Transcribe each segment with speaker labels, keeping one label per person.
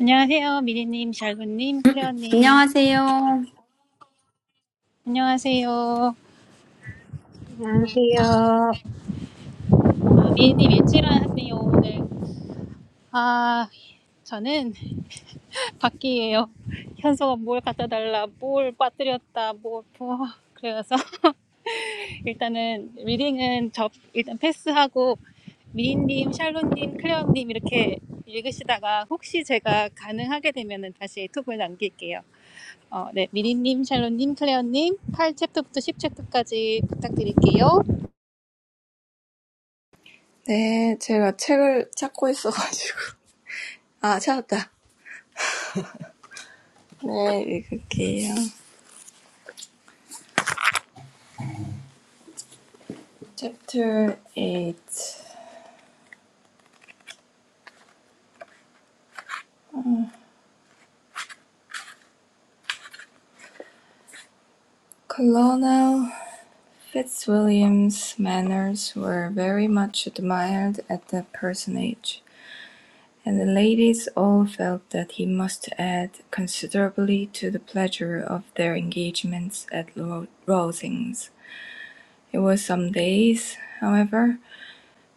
Speaker 1: 안녕하세요. 미리님, 샬롯님, 클레어님.
Speaker 2: 안녕하세요.
Speaker 1: 안녕하세요.
Speaker 3: 안녕하세요.
Speaker 1: 아, 미리님 일주일 하세요, 오늘. 아, 저는 밖이에요. 현서가 뭘 갖다 달라, 뭘 빠뜨렸다, 뭐, 뭐. 그래서 일단은 리딩은 접, 일단 패스하고 미리님, 샬롯님, 클레어님 이렇게 읽으시다가 혹시 제가 가능하게 되면은 다시 톡을 남길게요. 어, 네, 미리님, 샬롯님, 클레어님 팔 챕터부터 십 10챕터까지 부탁드릴게요.
Speaker 4: 네, 제가 책을 찾고 있어가지고. 아, 찾았다. 네, 읽을게요. Chapter 8 Colonel Fitzwilliam's manners were very much admired at the personage, and the ladies all felt that he must add considerably to the pleasure of their engagements at Ro- Rosings. It was some days, however,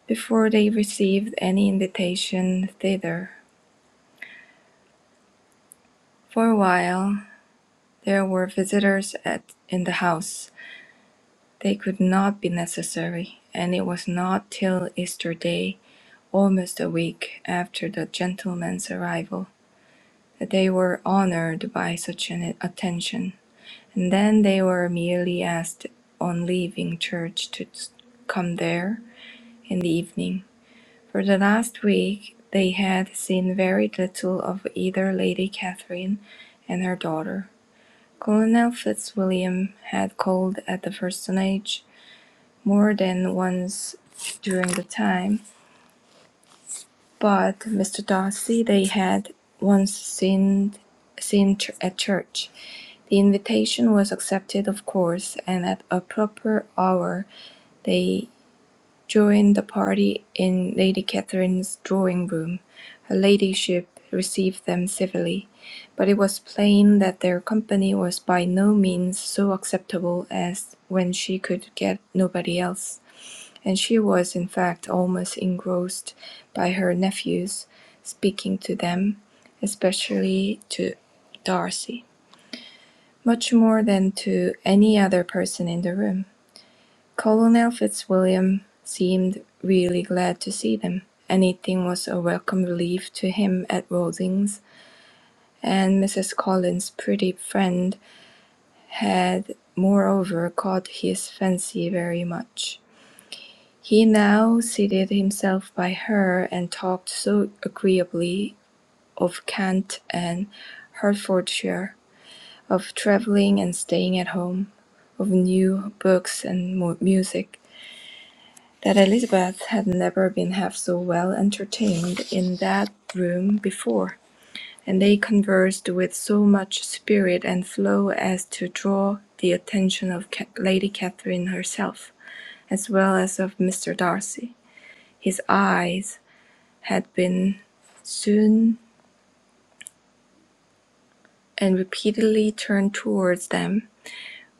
Speaker 4: before they received any invitation thither, For a while there were visitors at in the house. They could not be necessary, and it was not till Easter Day, almost a week after the gentleman's arrival, that they were honoured by such an attention, and then they were merely asked on leaving church to come there in the evening. For the last week they had seen very little of either Lady Catherine and her daughter. Colonel Fitzwilliam had called at the Parsonage more than once during the time, but Mr. Darcy they had once seen, seen ch- at church. The invitation was accepted, of course, and at a proper hour they during the party in Lady Catherine's drawing room, her ladyship received them civilly, but it was plain that their company was by no means so acceptable as when she could get nobody else, and she was in fact almost engrossed by her nephews, speaking to them, especially to Darcy, much more than to any other person in the room. Colonel Fitzwilliam seemed really glad to see them. Anything was a welcome relief to him at Rawlings, and Mrs. Collins's pretty friend had moreover caught his fancy very much. He now seated himself by her and talked so agreeably of Kent and Hertfordshire, of travelling and staying at home, of new books and music, that Elizabeth had never been half so well entertained in that room before, and they conversed with so much spirit and flow as to draw the attention of Lady Catherine herself, as well as of Mr. Darcy. His eyes had been soon and repeatedly turned towards them,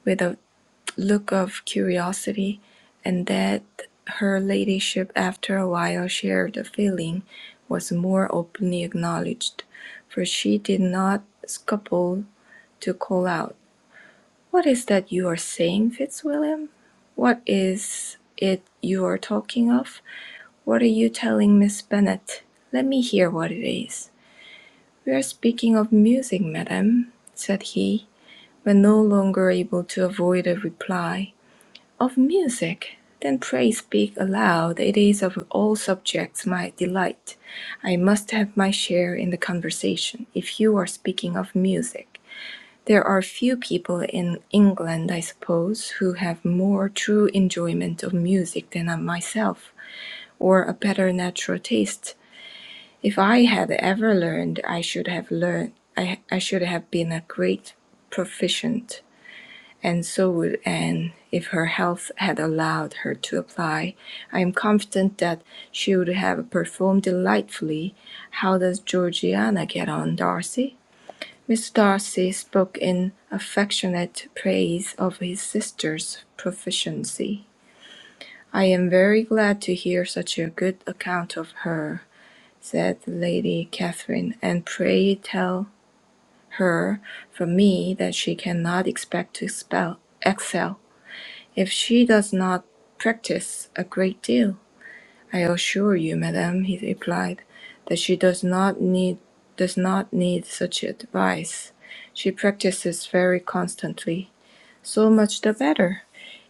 Speaker 4: with a. look of curiosity, and that her ladyship after a while shared the feeling was more openly acknowledged, for she did not scruple to call out, "What is that you are saying, Fitzwilliam? What is it you are talking of? What are you telling Miss Bennet? Let me hear what it is." "We are speaking of music, madam," said he, when no longer able to avoid a reply. Of music, then pray speak aloud. It is of all subjects my delight. I must have my share in the conversation, if you are speaking of music. There are few people in England, I suppose, who have more true enjoyment of music than I myself, or a better natural taste. If I had ever learned, I should have learned. I, I should have been a great proficient and so would Anne if her health had allowed her to apply. I am confident that she would have performed delightfully. How does Georgiana get on, Darcy? Miss Darcy spoke in affectionate praise of his sister's proficiency. I am very glad to hear such a good account of her, said Lady Catherine, and pray tell her from me that she cannot expect to expel, excel. If she does not practise a great deal, I assure you, madam, he replied, that she does not need does not need such advice. She practices very constantly. So much the better.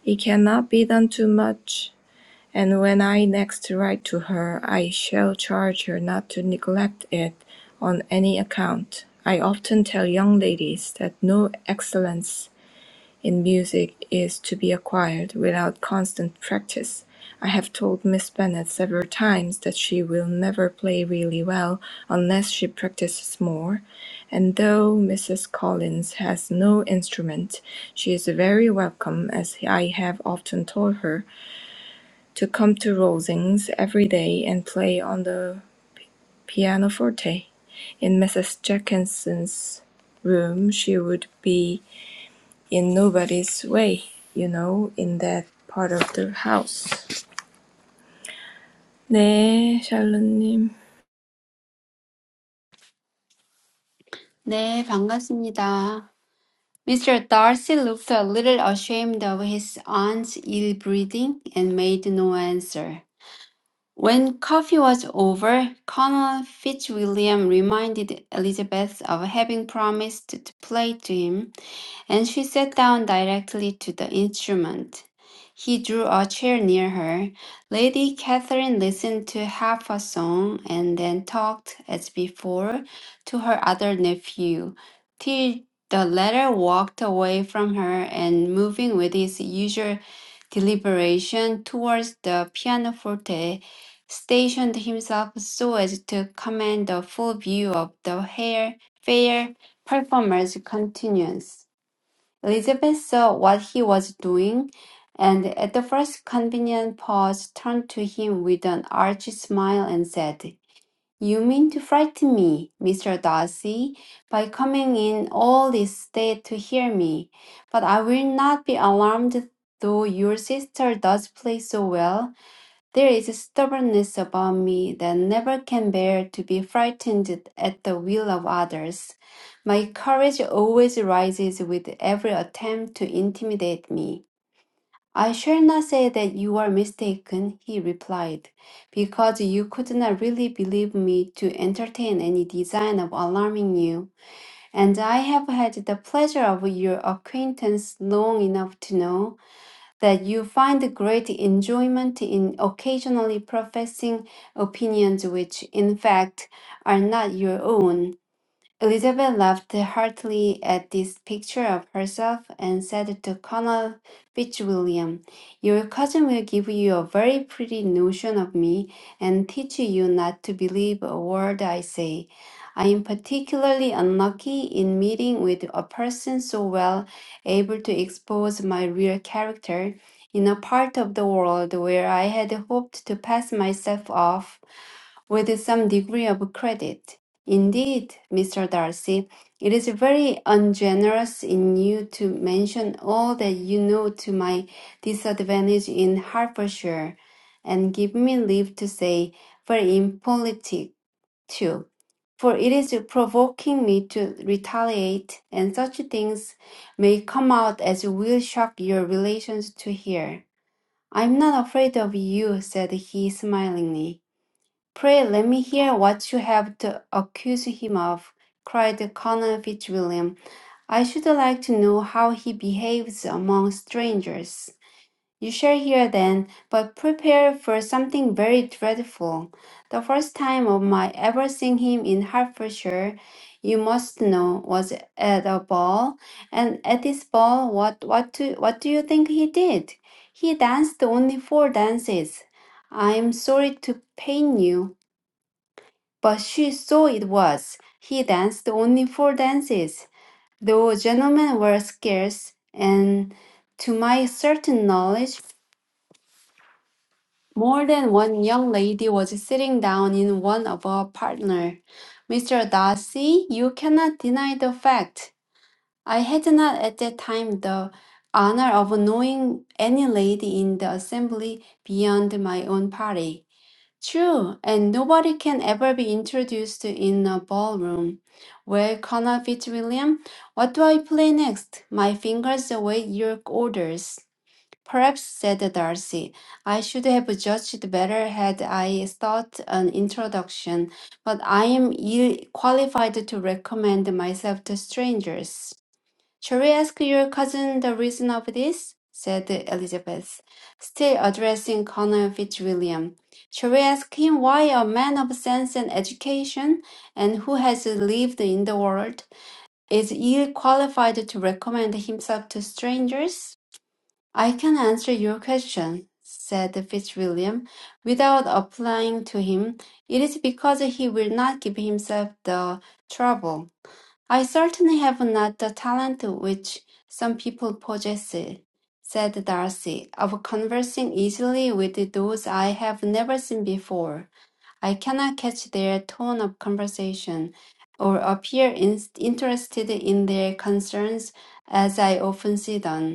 Speaker 4: It cannot be done too much. And when I next write to her, I shall charge her not to neglect it on any account. I often tell young ladies that no excellence in music is to be acquired without constant practice. I have told Miss Bennet several times that she will never play really well unless she practices more, and though Mrs. Collins has no instrument, she is very welcome, as I have often told her, to come to Rosings every day and play on the pianoforte. In Mrs. Jenkinson's room she would be in nobody's way, you know, in that part of the house. 네, 샬롯님.
Speaker 2: 네, 반갑습니다. Mr. Darcy looked a little ashamed of his aunt's ill breeding and made no answer. When coffee was over, Colonel Fitzwilliam reminded Elizabeth of having promised to play to him and she sat down directly to the instrument. He drew a chair near her. Lady Catherine listened to half a song and then talked, as before, to her other nephew, till the latter walked away from her and, moving with his usual deliberation towards the pianoforte, stationed himself so as to command a full view of the hair, fair performer's countenance. Elizabeth saw what he was doing, and at the first convenient pause turned to him with an arch smile and said, You mean to frighten me, Mr. Darcy, by coming in all this state to hear me. But I will not be alarmed, though your sister does play so well. There is a stubbornness about me that never can bear to be frightened at the will of others. My courage always rises with every attempt to intimidate me. I shall not say that you are mistaken, he replied, because you could not really believe me to entertain any design of alarming you, and I have had the pleasure of your acquaintance long enough to know that you find great enjoyment in occasionally professing opinions which, in fact, are not your own. Elizabeth laughed heartily at this picture of herself and said to Colonel Fitzwilliam, Your cousin will give you a very pretty notion of me and teach you not to believe a word I say. I am particularly unlucky in meeting with a person so well able to expose my real character in a part of the world where I had hoped to pass myself off with some degree of credit. Indeed, Mr. Darcy, it is very ungenerous in you to mention all that you know to my disadvantage in Hertfordshire, and give me leave to say, very impolitic too. For it is provoking me to retaliate, and such things may come out as will shock your relations to hear. I'm not afraid of you, said he smilingly. Pray let me hear what you have to accuse him of, cried Colonel Fitzwilliam. I should like to know how he behaves among strangers. You shall hear then, but prepare for something very dreadful. The first time of my ever seeing him in Hertfordshire, you must know, was at a ball, and at this ball, what what do, what do you think he did? He danced only four dances. I am sorry to pain you, but she saw it was. He danced only four dances, though gentlemen were scarce, and to my certain knowledge, more than one young lady was sitting down in one of our partner. Mr. Darcy, you cannot deny the fact. I had not at that time the honor of knowing any lady in the assembly beyond my own party. True, and nobody can ever be introduced in a ballroom. Well, Colonel Fitzwilliam, what do I play next? My fingers await your orders. Perhaps, said Darcy, I should have judged better had I sought an introduction, but I am ill qualified to recommend myself to strangers. "Shall we ask your cousin the reason of this?" said Elizabeth, still addressing Colonel Fitzwilliam. "Shall we ask him why a man of sense and education, and who has lived in the world, is ill qualified to recommend himself to strangers?" "I can answer your question," said Fitzwilliam, without applying to him. "It is because he will not give himself the trouble. "I certainly have not the talent which some people possess," said Darcy, "of conversing easily with those I have never seen before. I cannot catch their tone of conversation, or appear in- interested in their concerns as I often see done.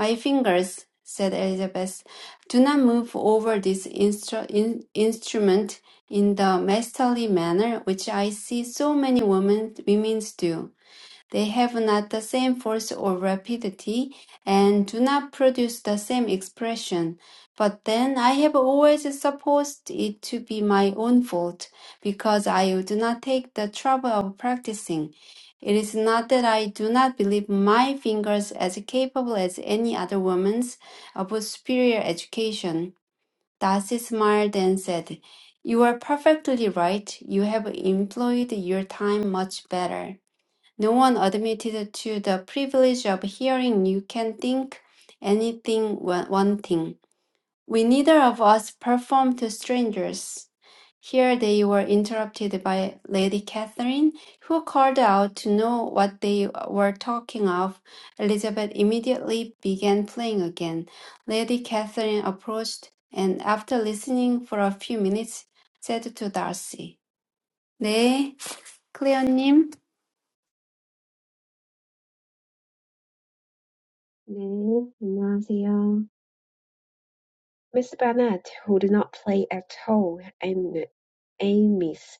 Speaker 2: My fingers," said Elizabeth, "do not move over this instru- in- instrument in the masterly manner which I see so many women women do. They have not the same force or rapidity, and do not produce the same expression. But then I have always supposed it to be my own fault, because I do not take the trouble of practicing. It is not that I do not believe my fingers as capable as any other woman's of superior education. Darcy smiled and said, You are perfectly right. You have employed your time much better. No one admitted to the privilege of hearing you can think anything wa- wanting. We neither of us performed to strangers. Here they were interrupted by Lady Catherine, who called out to know what they were talking of. Elizabeth immediately began playing again. Lady Catherine approached and, after listening for a few minutes, said to Darcy, 네, 클레어님.
Speaker 3: 네, 안녕하세요. Miss Burnett, who did not play at all and Amy's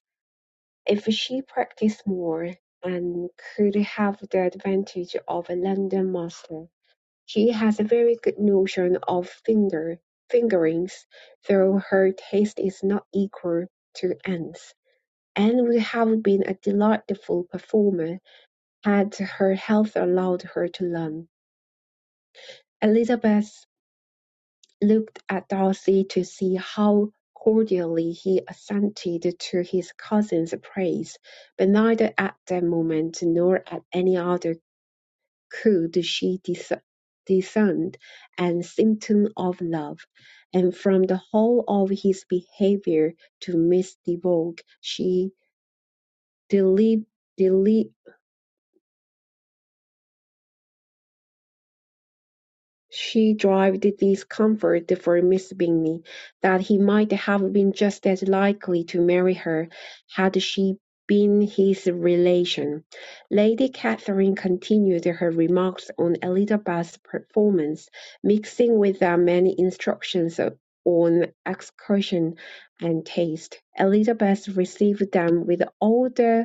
Speaker 3: if she practiced more and could have the advantage of a London master. She has a very good notion of finger fingerings, though her taste is not equal to Anne's, and would have been a delightful performer had her health allowed her to learn. Elizabeth looked at Darcy to see how cordially he assented to his cousin's praise, but neither at that moment nor at any other could she dis- discern an symptom of love, and from the whole of his behaviour to Miss de Bourgh she deli- deli- She derived discomfort from Miss Bingley, that he might have been just as likely to marry her had she been his relation. Lady Catherine continued her remarks on Elizabeth's performance, mixing with them many instructions on execution and taste. Elizabeth received them with all the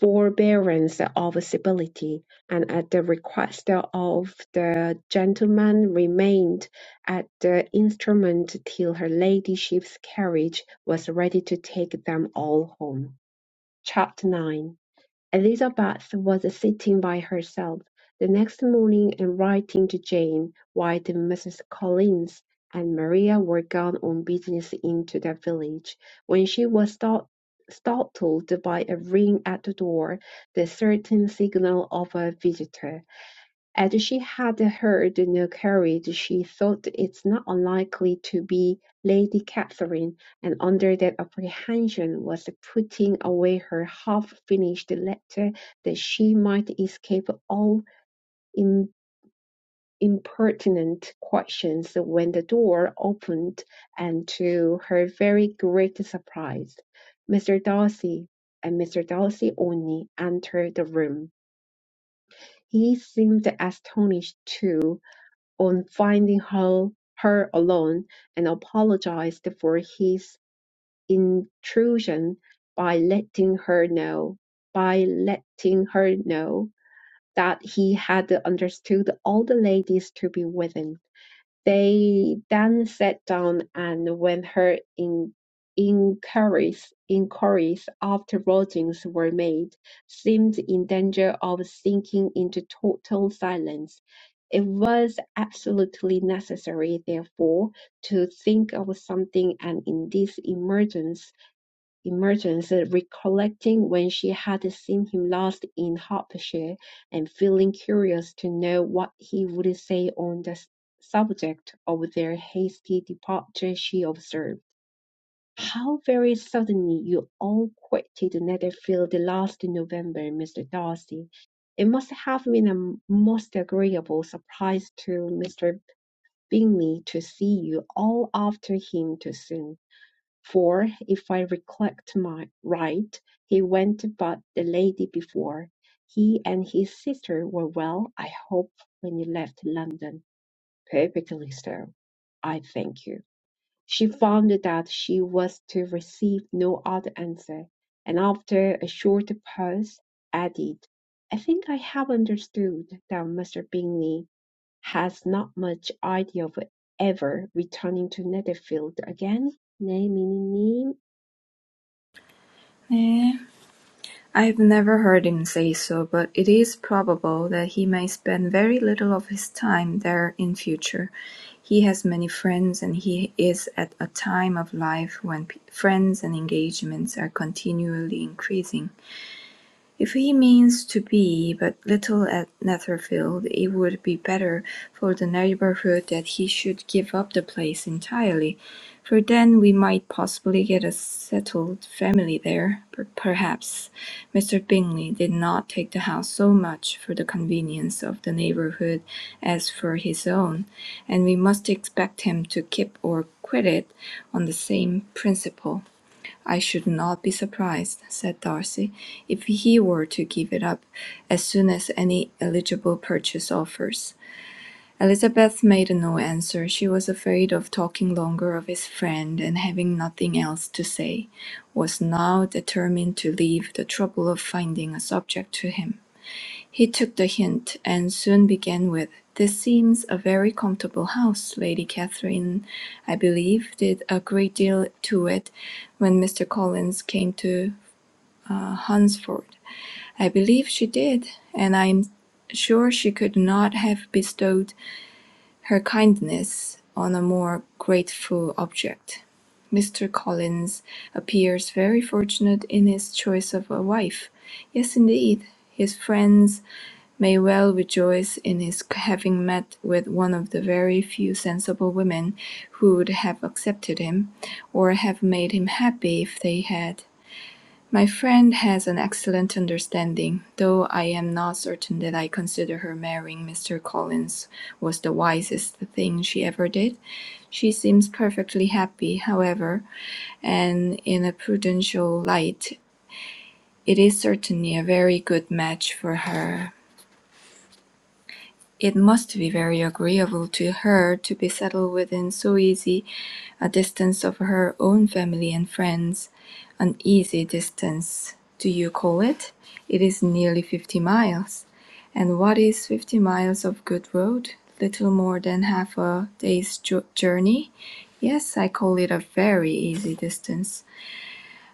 Speaker 3: forbearance of civility, and at the request of the gentleman remained at the instrument till her ladyship's carriage was ready to take them all home. Chapter 9 Elizabeth was sitting by herself the next morning and writing to Jane, while the Misses Collins and Maria were gone on business into the village, when she was start- startled by a ring at the door, the certain signal of a visitor. As she had heard no carriage, she thought it not unlikely to be Lady Catherine, and under that apprehension was putting away her half-finished letter that she might escape all im- impertinent questions when the door opened, and to her very great surprise, Mr. Darcy and Mr. Darcy only entered the room. He seemed astonished too, on finding her, her alone and apologized for his intrusion by letting her know by letting her know that he had understood all the ladies to be within. They then sat down and when her in- inquiries inquiries after lodgings were made, seemed in danger of sinking into total silence. It was absolutely necessary, therefore, to think of something, and in this emergency Emergence, recollecting when she had seen him last in Hertfordshire, and feeling curious to know what he would say on the subject of their hasty departure, she observed, "How very suddenly you all quitted Netherfield last November, Mr. Darcy. It must have been a most agreeable surprise to Mr. Bingley to see you all after him too soon." For, if I recollect my right, he went but the lady before. He and his sister were well, I hope, when you left London. Perfectly so. I thank you. She found that she was to receive no other answer, and after a short pause, added, I think I have understood that Mr. Bingley has not much idea of ever returning to Netherfield again. 네, 미니님.
Speaker 4: 네. I've never heard him say so, but it is probable that he may spend very little of his time there in future. He has many friends, and he is at a time of life when friends and engagements are continually increasing. If he means to be but little at Netherfield, it would be better for the neighbourhood that he should give up the place entirely, for then we might possibly get a settled family there, per- perhaps. Mr. Bingley did not take the house so much for the convenience of the neighbourhood as for his own, and we must expect him to keep or quit it on the same principle. "I should not be surprised," said Darcy, "if he were to give it up as soon as any eligible purchase offers." Elizabeth made no answer. She was afraid of talking longer of his friend, and having nothing else to say, was now determined to leave the trouble of finding a subject to him. He took the hint, and soon began with, "This seems a very comfortable house. Lady Catherine, I believe, did a great deal to it when Mr. Collins came to uh, Hunsford." "I believe she did, and I am sure she could not have bestowed her kindness on a more grateful object. Mr. Collins appears very fortunate in his choice of a wife. Yes, indeed, his friends may well rejoice in his having met with one of the very few sensible women who would have accepted him, or have made him happy if they had. My friend has an excellent understanding, though I am not certain that I consider her marrying Mr. Collins was the wisest thing she ever did. She seems perfectly happy, however, and in a prudential light it is certainly a very good match for her. It must be very agreeable to her to be settled within so easy a distance of her own family and friends. An easy distance, do you call it? It is nearly fifty miles. And what is fifty miles of good road? Little more than half a day's journey? Yes, I call it a very easy distance.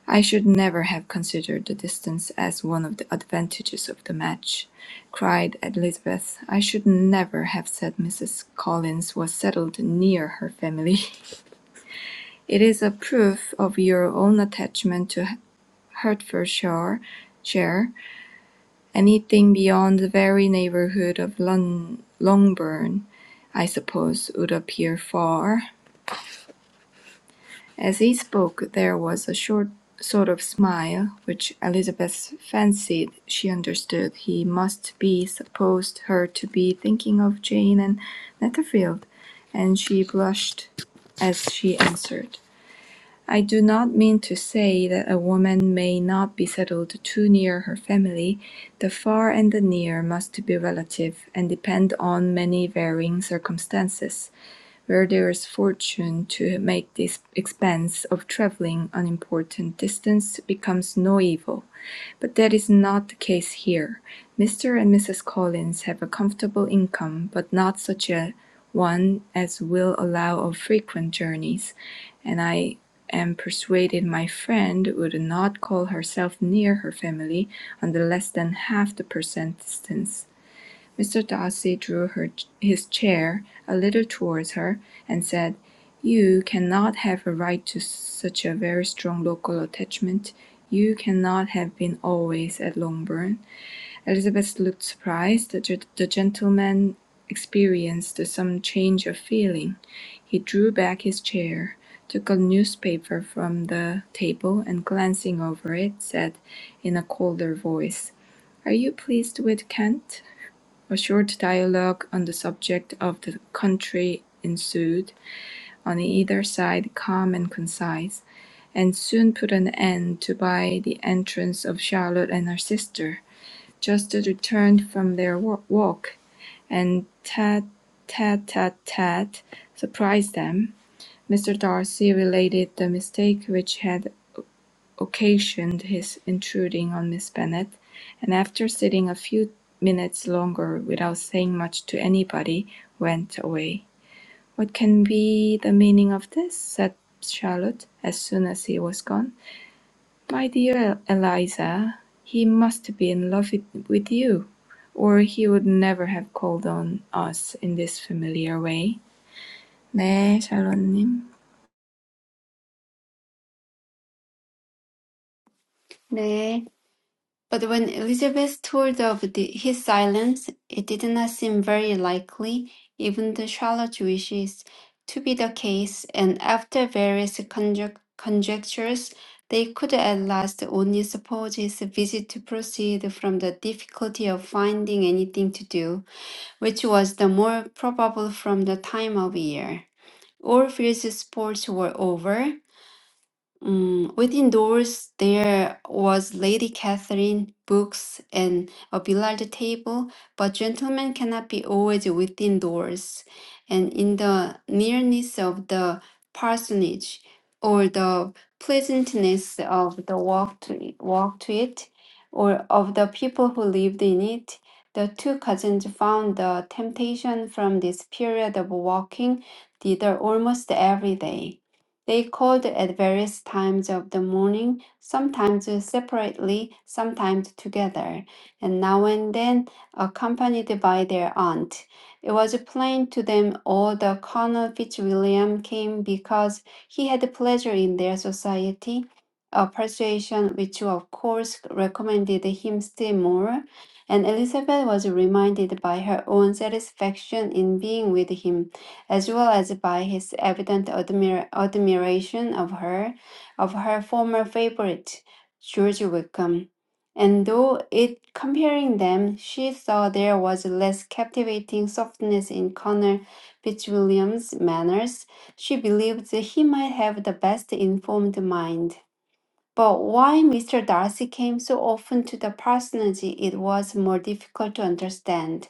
Speaker 4: I should never have considered the distance as one of the advantages of the match," cried Elizabeth. "I should never have said Mrs. Collins was settled near her family. It is a proof of your own attachment to Hertfordshire. shire. Anything beyond the very neighbourhood of Lon- Longbourn, I suppose, would appear far. As he spoke there was a short sort of smile, which Elizabeth fancied she understood he must be supposed her to be thinking of Jane and Netherfield, and she blushed as she answered. I do not mean to say that a woman may not be settled too near her family. The far and the near must be relative, and depend on many varying circumstances where there is fortune to make this expense of travelling an important distance becomes no evil, but that is not the case here. Mr. and Mrs. Collins have a comfortable income, but not such a one as will allow of frequent journeys, and I am persuaded my friend would not call herself near her family on the less than half the percent distance. Mr. Darcy drew her, his chair a little towards her, and said, "You cannot have a right to such a very strong local attachment. You cannot have been always at Longbourn." Elizabeth looked surprised. The, the gentleman experienced some change of feeling. He drew back his chair, took a newspaper from the table, and glancing over it, said in a colder voice, "Are you pleased with Kent?" A short dialogue on the subject of the country ensued, on either side calm and concise, and soon put an end to by the entrance of Charlotte and her sister, just returned from their walk, and tat tat tat tat surprised them. Mr. Darcy related the mistake which had occasioned his intruding on Miss Bennet; and after sitting a few minutes longer without saying much to anybody, went away. "What can be the meaning of this?" said Charlotte, as soon as he was gone. "My dear Eliza, he must be in love with you, or he would never have called on us in this familiar way." "네, 샬롯님."
Speaker 2: 네. But when Elizabeth told of his silence, it did not seem very likely, even to Charlotte's wishes, to be the case, and after various conjec- conjectures, they could at last only suppose his visit to proceed from the difficulty of finding anything to do, which was the more probable from the time of year. All Field's sports were over, Mm, within doors, there was Lady Catherine, books, and a billiard table, but gentlemen cannot be always within doors. And in the nearness of the parsonage, or the pleasantness of the walk to, walk to it, or of the people who lived in it, the two cousins found the temptation from this period of walking thither almost every day. They called at various times of the morning, sometimes separately, sometimes together, and now and then accompanied by their aunt. It was plain to them all that Colonel Fitzwilliam came because he had pleasure in their society, a persuasion which of course recommended him still more, and Elizabeth was reminded by her own satisfaction in being with him as well as by his evident admira- admiration of her, of her former favorite, George Wickham. And though it comparing them, she saw there was less captivating softness in Connor Fitzwilliam's manners, she believed that he might have the best informed mind. But why Mr. Darcy came so often to the parsonage, it was more difficult to understand.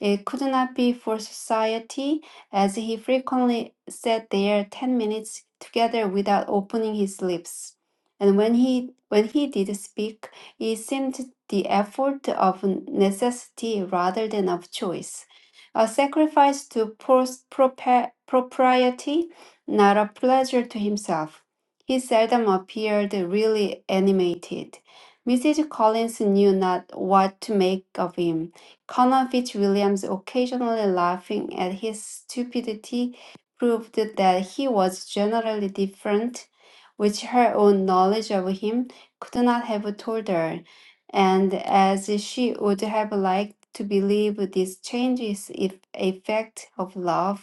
Speaker 2: It could not be for society, as he frequently sat there ten minutes together without opening his lips. And when he when he did speak, it seemed the effort of necessity rather than of choice, a sacrifice to pros- propa- propriety, not a pleasure to himself. He seldom appeared really animated. Mrs. Collins knew not what to make of him Colonel Fitzwilliam's occasionally laughing at his stupidity proved that he was generally different, which her own knowledge of him could not have told her, and as she would have liked to believe this change is if a fact of love,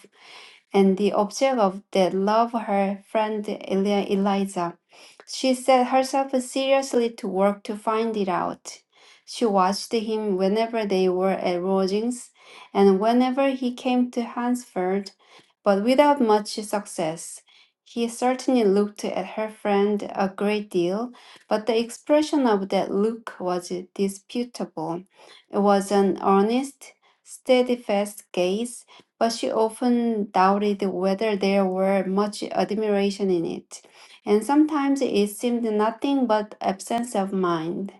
Speaker 2: and the object of the love her friend Elia Eliza. She set herself seriously to work to find it out. She watched him whenever they were at lodgings and whenever he came to Hansford, but without much success. He certainly looked at her friend a great deal, but the expression of that look was disputable. It was an earnest, steadfast gaze, but she often doubted whether there were much admiration in it, and sometimes it seemed nothing but absence of mind.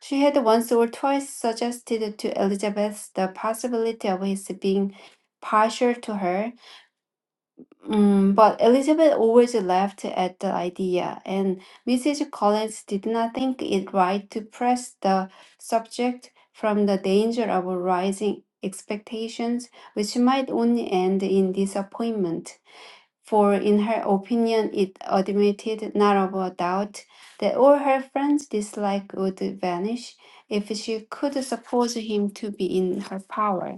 Speaker 2: She had once or twice suggested to Elizabeth the possibility of his being partial to her, Mm, but Elizabeth always laughed at the idea, and Mrs. Collins did not think it right to press the subject from the danger of rising expectations, which might only end in disappointment. For in her opinion, it admitted not of a doubt that all her friend's dislike would vanish if she could suppose him to be in her power.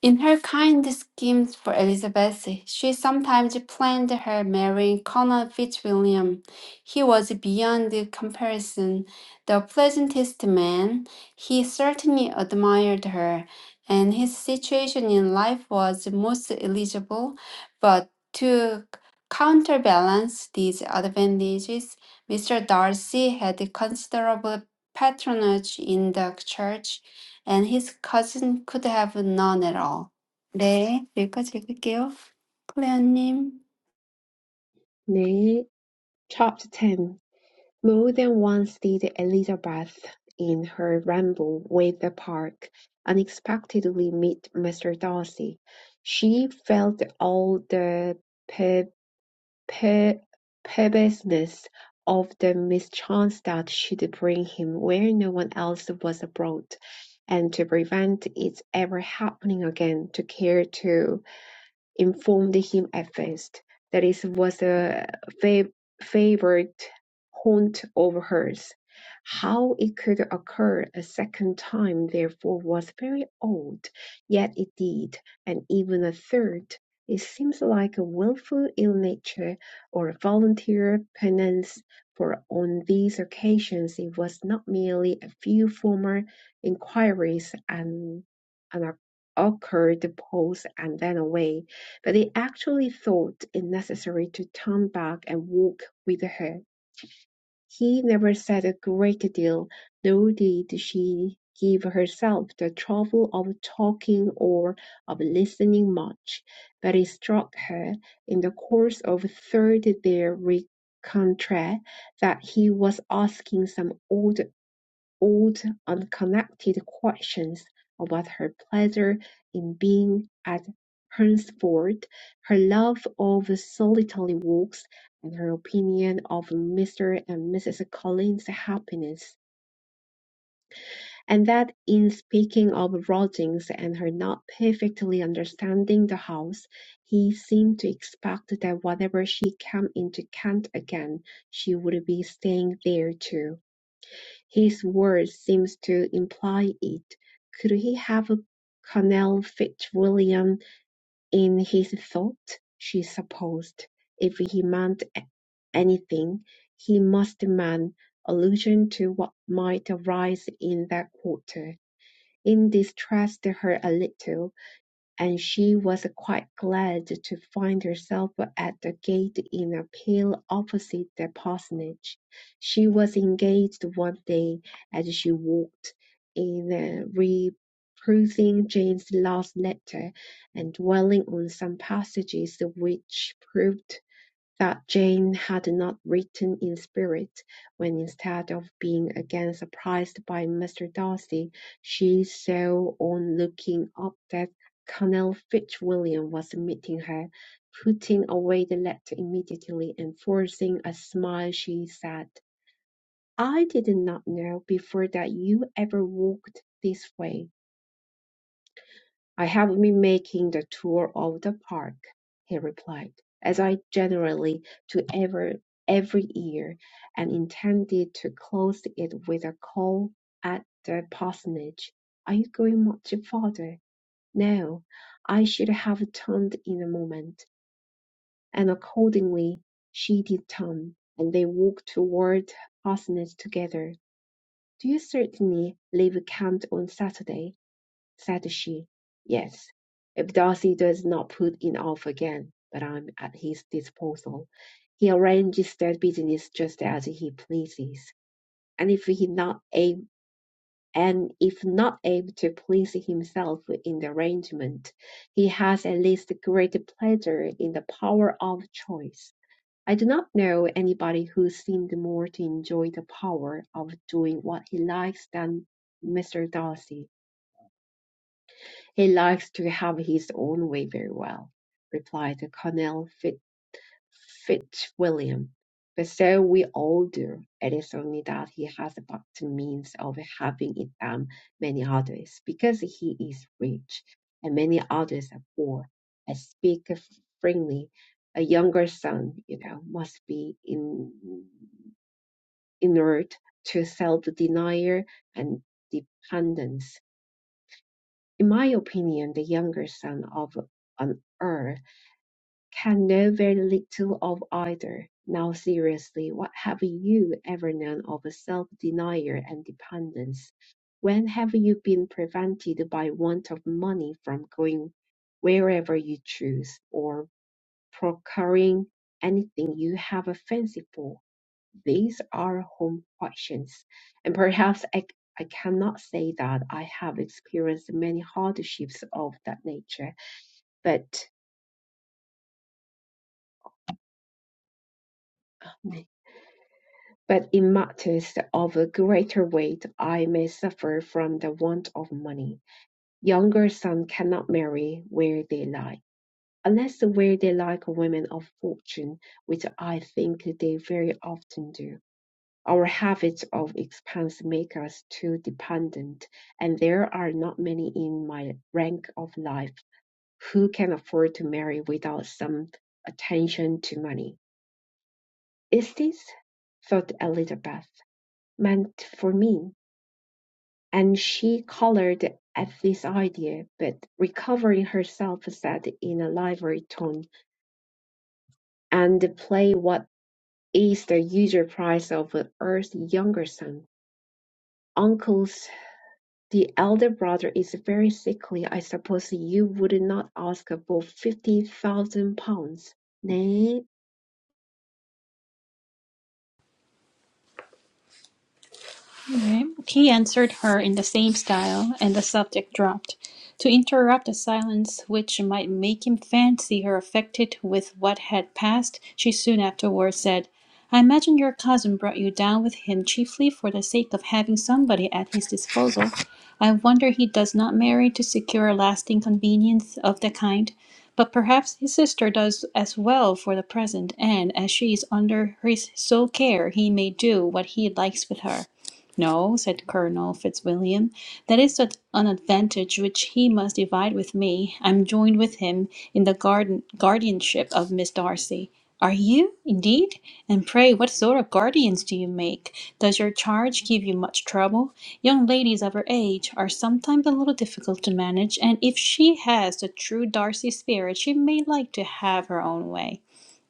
Speaker 2: In her kind schemes for Elizabeth, she sometimes planned her marrying Colonel Fitzwilliam. He was beyond comparison the pleasantest man. He certainly admired her, and his situation in life was most eligible. But to counterbalance these advantages, Mr. Darcy had considerable patronage in the church and his cousin could have none at all. 네, 여기까지 읽을게요. 클레어님.
Speaker 3: 네, chapter 10. More than once did Elizabeth, in her ramble with the park, unexpectedly meet Mr. Darcy. She felt all the per- per- perverseness of the mischance that should bring him where no one else was abroad, and to prevent its ever happening again, took care to informed him at first that it was a fa- favorite haunt of hers. How it could occur a second time, therefore, was very odd, yet it did, and even a third. It seems like a willful ill nature or a volunteer penance, for on these occasions it was not merely a few former inquiries and an occurred pause and then away but he actually thought it necessary to turn back and walk with her. He never said a great deal, nor did she give herself the trouble of talking or of listening much, but it struck her, in the course of third their rencontre, that he was asking some old. Old, unconnected questions about her pleasure in being at Hunsford, her love of solitary walks, and her opinion of Mr. and Mrs. Collins's happiness, and that in speaking of lodgings and her not perfectly understanding the house, he seemed to expect that whenever she came into Kent again she would be staying there too. His words seem to imply it. Could he have a Colonel Fitzwilliam in his thought? she supposed. If he meant anything, he must mean allusion to what might arise in that quarter. It distressed her a little and she was quite glad to find herself at the gate in a pale opposite the parsonage. She was engaged one day as she walked in uh, reperusing Jane's last letter and dwelling on some passages which proved that Jane had not written in spirit, when instead of being again surprised by Mr. Darcy, she saw on looking up that Colonel Fitzwilliam was meeting her. Putting away the letter immediately and forcing a smile, she said, I did not know before that you ever walked this way. "I have been making the tour of the park," he replied, "as I generally do every every year, and intended to close it with a call at the parsonage. Are you going much farther?" No. I should have turned in a moment, and accordingly she did turn, and they walked toward the parsonage together. "Do you certainly leave camp on Saturday?" said she. Yes, if Darcy does not put it off again, but I'm at his disposal. He arranges that business just as he pleases. And if he not ab- and if not able to please himself in the arrangement, he has at least great pleasure in the power of choice. I do not know anybody who seemed more to enjoy the power of doing what he likes than Mr. Darcy "He likes to have his own way very well," replied Colonel Fit- Fitzwilliam, "but so we all do. It is only that he has a better means of having it than many others, because he is rich, and many others are poor. I speak frankly. A younger son, you know, must be in, inert to self-denial and dependence in my opinion, the younger son of an earl can know very little of either. Now, seriously, what have you ever known of self-denial and dependence? When have you been prevented by want of money from going wherever you choose, or procuring anything you have a fancy for? These are home questions, and perhaps I, I cannot say that I have experienced many hardships of that nature, but but in matters of a greater weight I may suffer from the want of money. Younger sons cannot marry where they like, unless where they like women of fortune, which I think they very often do. Our habits of expense make us too dependent, and there are not many in my rank of life who can afford to marry without some attention to money. Is this, thought Elizabeth, meant for me? And she colored at this idea, but recovering herself, said in a lively tone, "And play what is the usual price of an earth's younger son? Uncle The elder brother is very sickly. I suppose you would not ask above fifty thousand pounds. 네.
Speaker 1: Right. He answered her in the same style, and the subject dropped, to interrupt a silence which might make him fancy her affected with what had passed. She soon afterwards said, "I imagine your cousin brought you down with him chiefly for the sake of having somebody at his disposal. I wonder he does not marry to secure a lasting convenience of the kind. But perhaps his sister does as well for the present, and as she is under his sole care, he may do what he likes with her. No, said Colonel Fitzwilliam, that is an advantage which he must divide with me. I am joined with him in the garden guardianship of Miss Darcy. Are you, indeed? And pray, what sort of guardians do you make? Does your charge give you much trouble? Young ladies of her age are sometimes a little difficult to manage, and if she has the true Darcy spirit, she may like to have her own way.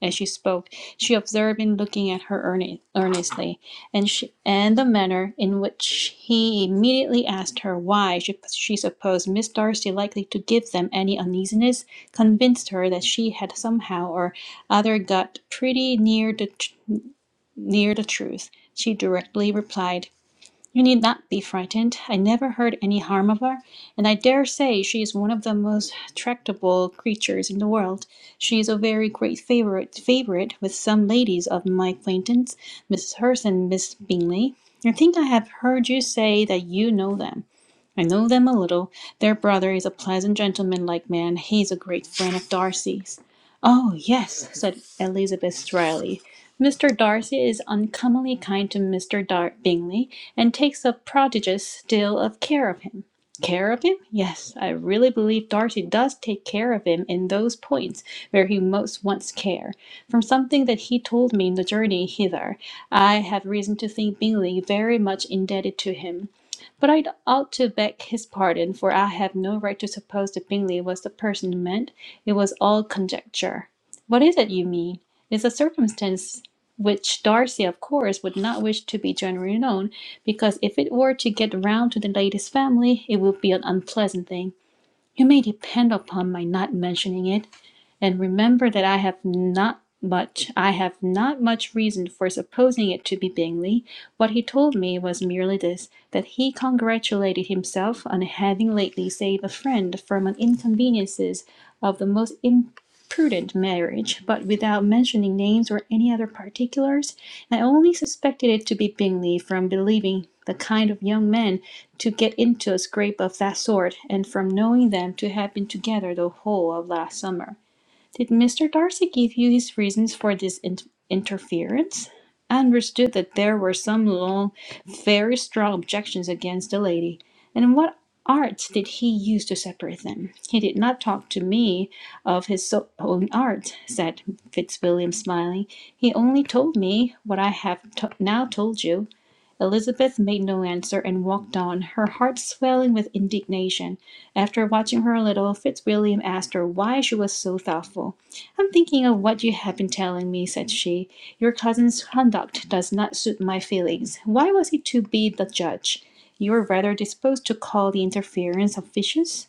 Speaker 1: As she spoke, she observed him looking at her earne- earnestly and she, and the manner in which he immediately asked her why she, she supposed Miss Darcy likely to give them any uneasiness convinced her that she had somehow or other got pretty near the near the truth. She directly replied. You need not be frightened. I never heard any harm of her, and I dare say she is one of the most tractable creatures in the world. She is a very great favorite favorite with some ladies of my acquaintance, Mrs. Hurst and Miss Bingley. I think I have heard you say that you know them. I know them a little. Their brother is a pleasant gentleman-like man. He is a great friend of Darcy's. Oh, yes, said Elizabeth dryly. Mr. Darcy is uncommonly kind to Mr. Dar- Bingley, and takes a prodigious deal of care of him. Care of him? Yes, I really believe Darcy does take care of him in those points where he most wants care. From something that he told me in the journey hither, I have reason to think Bingley very much indebted to him. But I ought to beg his pardon, for I have no right to suppose that Bingley was the person meant. It was all conjecture." "What is it you mean? It is a circumstance which Darcy, of course, would not wish to be generally known, because if it were to get round to the lady's family, it would be an unpleasant thing. You may depend upon my not mentioning it, and remember that I have not much I have not much reason for supposing it to be Bingley. What he told me was merely this, that he congratulated himself on having lately saved a friend from an inconveniences of the most imprudent marriage, but without mentioning names or any other particulars. I only suspected it to be Bingley from believing the kind of young man to get into a scrape of that sort, and from knowing them to have been together the whole of last summer. Did Mr. Darcy give you his reasons for this in- interference? I understood that there were some long, very strong objections against the lady. And what arts did he use to separate them? He did not talk to me of his so- own art, said Fitzwilliam, smiling. He only told me what I have to- now told you. Elizabeth made no answer and walked on, her heart swelling with indignation. After watching her a little, Fitzwilliam asked her why she was so thoughtful. "I'm thinking of what you have been telling me," said she. "Your cousin's conduct does not suit my feelings. Why was he to be the judge? You were rather disposed to call the interference officious.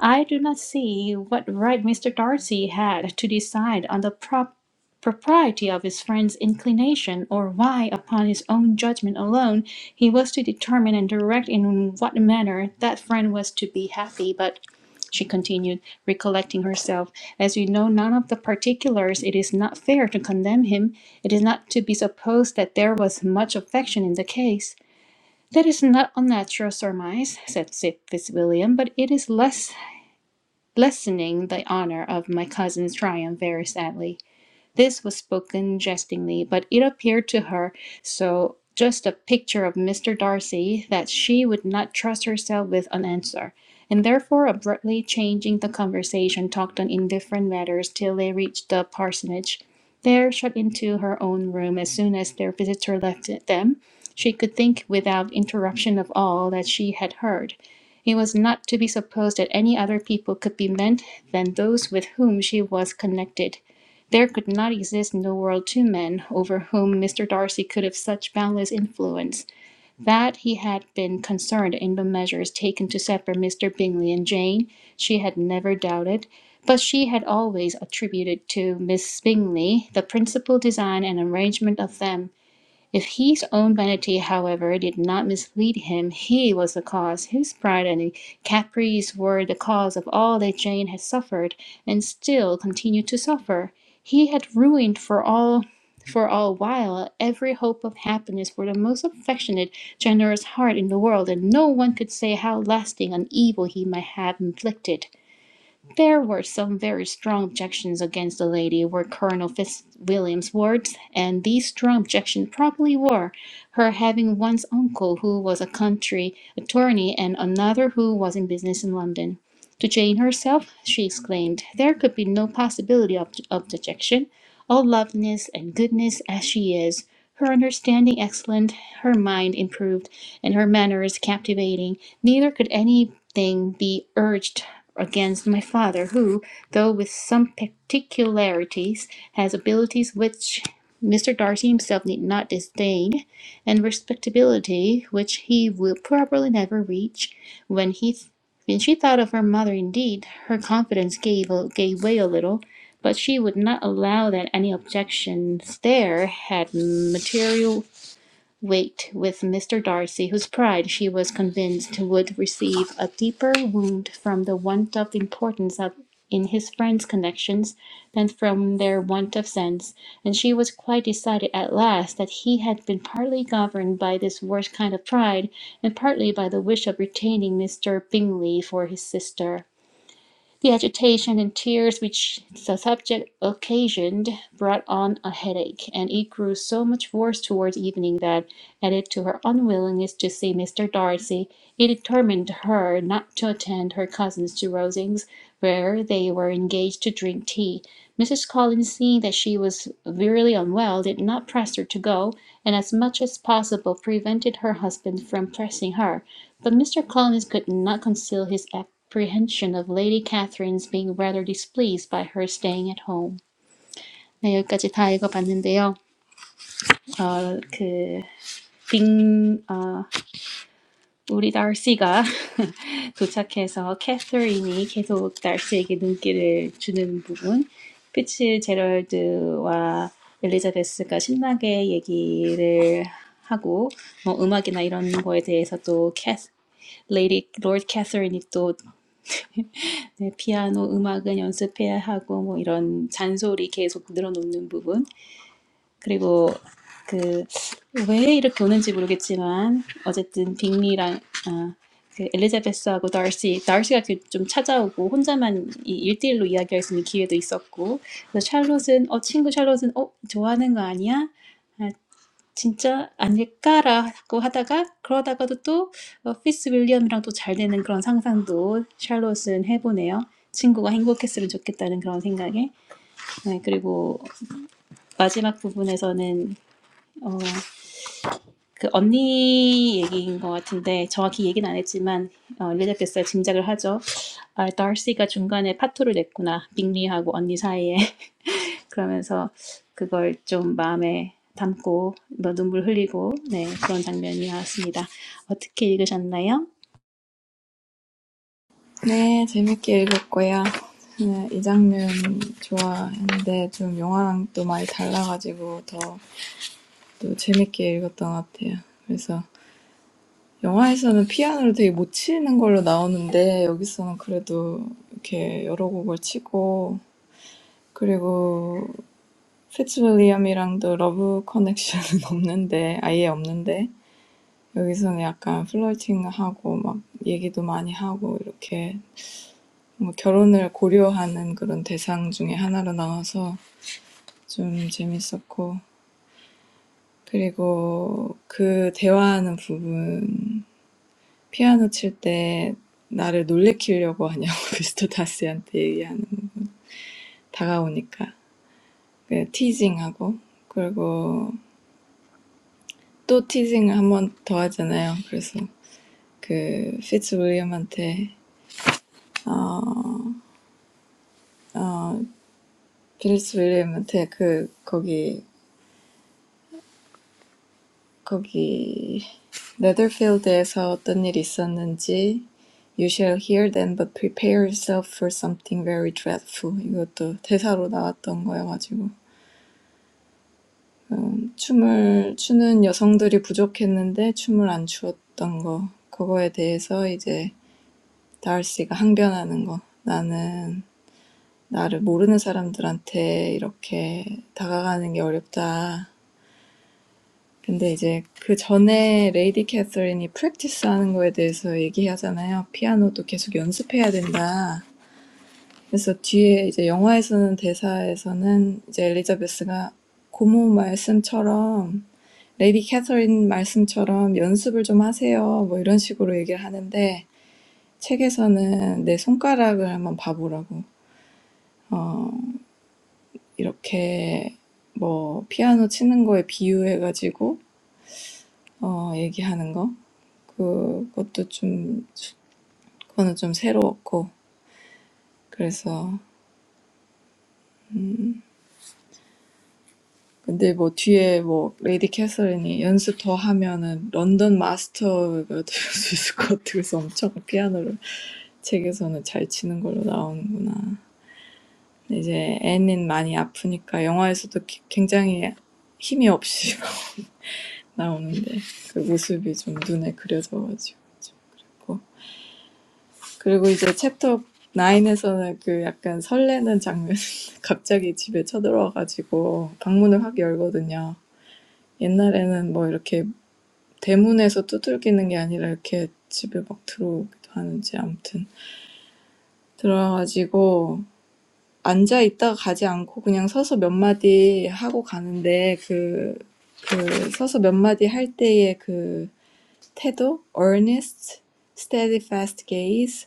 Speaker 1: I do not see what right Mr. Darcy had to decide on the prop- propriety of his friend's inclination, or why, upon his own judgment alone, he was to determine and direct in what manner that friend was to be happy. But she continued, recollecting herself, as we know none of the particulars, it is not fair to condemn him. It is not to be supposed that there was much affection in the case. That is not unnatural surmise, said Sir Fitzwilliam, but it is less lessening the honor of my cousin's triumph very sadly. This was spoken jestingly, but it appeared to her so just a picture of Mr. Darcy that she would not trust herself with an answer, and therefore abruptly changing the conversation, talked on indifferent matters till they reached the parsonage. There, shut into her own room as soon as their visitor left them, she could think without interruption of all that she had heard. It was not to be supposed that any other people could be meant than those with whom she was connected there could not exist in the world two men over whom Mr. Darcy could have such boundless influence. That he had been concerned in the measures taken to separate Mr. Bingley and Jane, she had never doubted; but she had always attributed to Miss Bingley the principal design and arrangement of them. If his own vanity, however, did not mislead him, he was the cause. His pride and caprice were the cause of all that Jane had suffered, and still continued to suffer. He had ruined for all for all while every hope of happiness for the most affectionate, generous heart in the world, and no one could say how lasting an evil he might have inflicted. There were some very strong objections against the lady were Colonel Fitzwilliam's words, and these strong objections probably were her having one's uncle who was a country attorney and another who was in business in London. To Jane herself, she exclaimed, there could be no possibility of, of dejection. All loveliness and goodness as she is, her understanding excellent, her mind improved, and her manners captivating, neither could anything be urged against my Father, who, though with some particularities, has abilities which Mr. Darcy himself need not disdain, and respectability which he will probably never reach. When he, when she thought of her mother, indeed, her confidence gave gave way a little, but she would not allow that any objections there had material wait with Mr. Darcy, whose pride she was convinced would receive a deeper wound from the want of importance of, in his friend's connections than from their want of sense, and she was quite decided at last that he had been partly governed by this worst kind of pride, and partly by the wish of retaining Mr. Bingley for his sister. The agitation and tears which the subject occasioned brought on a headache, and it grew so much worse towards evening that, added to her unwillingness to see Mr. Darcy, it determined her not to attend her cousins to Rosings, where they were engaged to drink tea. Mrs. Collins, seeing that she was very unwell, did not press her to go, and as much as possible prevented her husband from pressing her. But Mr. Collins could not conceal his apprehension of Lady Catherine's being rather displeased by her staying at home. 네, 여기까지 다 읽어봤는데요. 어, 그, 빙, 어, 우리 달씨가 도착해서 캐서린이 계속 달씨에게 눈길을 주는 부분, 피츠 제럴드와 엘리자베스가 신나게 얘기를 하고, 뭐 음악이나 이런 거에 대해서 또 캐스, 레이디, 롤드 캐서린이 또 네, 피아노 음악은 연습해야 하고 뭐 이런 잔소리 계속 늘어놓는 부분 그리고 그 왜 이렇게 오는지 모르겠지만 어쨌든 빅리랑 아, 그 엘리자베스하고 달시 달시가 이렇게 좀 찾아오고 혼자만 이 일대일로 이야기할 수 있는 기회도 있었고 그래서 샬롯은 어 친구 샬롯은 어 좋아하는 거 아니야? 진짜 아닐까라고 하다가 그러다가도 또 어, 피스 윌리엄이랑 또 잘 되는 그런 상상도 샬롯은 해보네요. 친구가 행복했으면 좋겠다는 그런 생각에 네, 그리고 마지막 부분에서는 어, 그 언니 얘기인 것 같은데 정확히 얘기는 안 했지만 어, 엘리자베스가 짐작을 하죠. 아, 다시가 중간에 파토를 냈구나. 빅리하고 언니 사이에 그러면서 그걸 좀 마음에 담고 뭐 눈물 흘리고 네 그런 장면이 나왔습니다. 어떻게 읽으셨나요?
Speaker 4: 네, 재밌게 읽었고요. 네, 이 장면 좋아했는데 좀 영화랑 또 많이 달라가지고 더또 재밌게 읽었던 것 같아요. 그래서 영화에서는 피아노를 되게 못 치는 걸로 나오는데 여기서는 그래도 이렇게 여러 곡을 치고 그리고 피츠윌리엄이랑도 러브 커넥션은 없는데 아예 없는데 여기서는 약간 플러팅하고 막 얘기도 많이 하고 이렇게 뭐 결혼을 고려하는 그런 대상 중에 하나로 나와서 좀 재밌었고 그리고 그 대화하는 부분 피아노 칠때 나를 놀래키려고 하냐고 미스터 다스한테 얘기하는 다가오니까 그 티징하고 그리고 또 티징을 한번더 하잖아요. 그래서 그 피츠 윌리엄한테 어 피츠 윌리엄한테 그 거기 Never feel they saw. What happened? You shall hear them, but prepare yourself for something very dreadful. This is also a line from the movie. There were not enough dancers, so they didn't dance. That's what Darcy is saying. It's hard for me to approach people I don't know. 근데 이제 그 전에 레이디 캐서린이 프랙티스 하는 거에 대해서 얘기하잖아요. 피아노도 계속 연습해야 된다. 그래서 뒤에 이제 영화에서는 대사에서는 이제 엘리자베스가 고모 말씀처럼 레이디 캐서린 말씀처럼 연습을 좀 하세요. 뭐 이런 식으로 얘기를 하는데 책에서는 내 손가락을 한번 봐보라고. 어, 이렇게 뭐 피아노 치는 거에 비유해가지고 어, 얘기하는 거. 그것도 좀 그거는 좀 새로웠고 그래서 음 근데 뭐 뒤에 뭐 레이디 캐서린이 연습 더 하면은 런던 마스터가 될 수 있을 것 같아 그래서 엄청 피아노를 책에서는 잘 치는 걸로 나오는구나 이제 앤은 많이 아프니까 영화에서도 기- 굉장히 힘이 없이 나오는데 그 모습이 좀 눈에 그려져가지고 좀 그랬고 그리고 이제 챕터 9에서는 그 약간 설레는 장면, 갑자기 집에 쳐들어와가지고 방문을 확 열거든요. 옛날에는 뭐 이렇게 대문에서 두들기는 게 아니라 이렇게 집에 막 들어오기도 하는지 아무튼 들어와가지고 앉아 있다가 가지 않고 그냥 서서 몇 마디 하고 가는데 그, 그 서서 몇 마디 할 때의 그 태도, earnest, steadfast gaze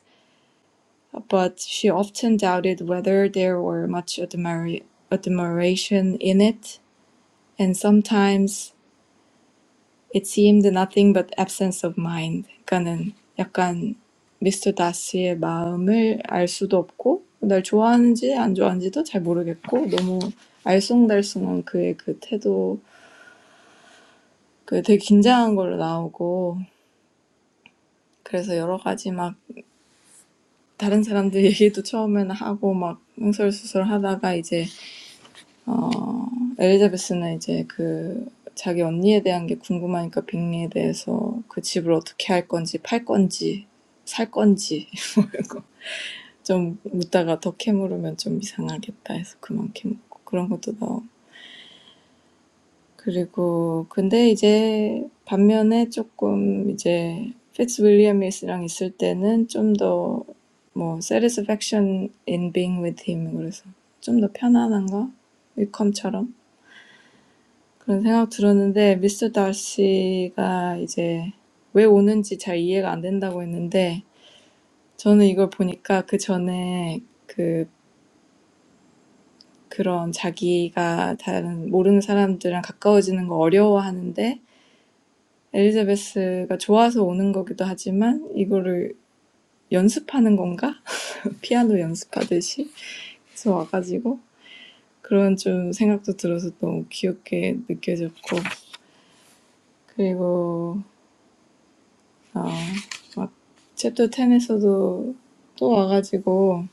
Speaker 4: But she often doubted whether there were much admira- admiration in it, and sometimes it seemed nothing but absence of mind. 그러니까는 약간 미스터 다시의 마음을 알 수도 없고 날 좋아하는지 안 좋아하는지도 잘 모르겠고 너무 알쏭달쏭한 그의 그 태도 그 되게 긴장한 걸로 나오고 그래서 여러 가지 막 다른 사람들 얘기도 처음에는 하고 막 흥설수설 하다가 이제 어, 엘리자베스는 이제 그 자기 언니에 대한 게 궁금하니까 빅리에 대해서 그 집을 어떻게 할 건지 팔 건지 살 건지 뭐 이런 거. 좀 묻다가 더 캐물으면 좀 이상하겠다 해서 그만 캐묻고 그런 것도 나오고 그리고 근데 이제 반면에 조금 이제 피츠 윌리엄이랑 있을 때는 좀 더 뭐 satisfaction in being with him 그래서 좀 더 편안한가? 위컴처럼 그런 생각 들었는데 미스 다시가 이제 왜 오는지 잘 이해가 안 된다고 했는데 저는 이걸 보니까 그 전에 그 그런 자기가 다른 모르는 사람들이랑 가까워지는 거 어려워하는데 엘리자베스가 좋아서 오는 거기도 하지만 이거를 연습하는 건가? 피아노 연습하듯이 그래서 와가지고 그런 좀 생각도 들어서 너무 귀엽게 느껴졌고 그리고 아, 막 챕터 10에서도 또 와가지고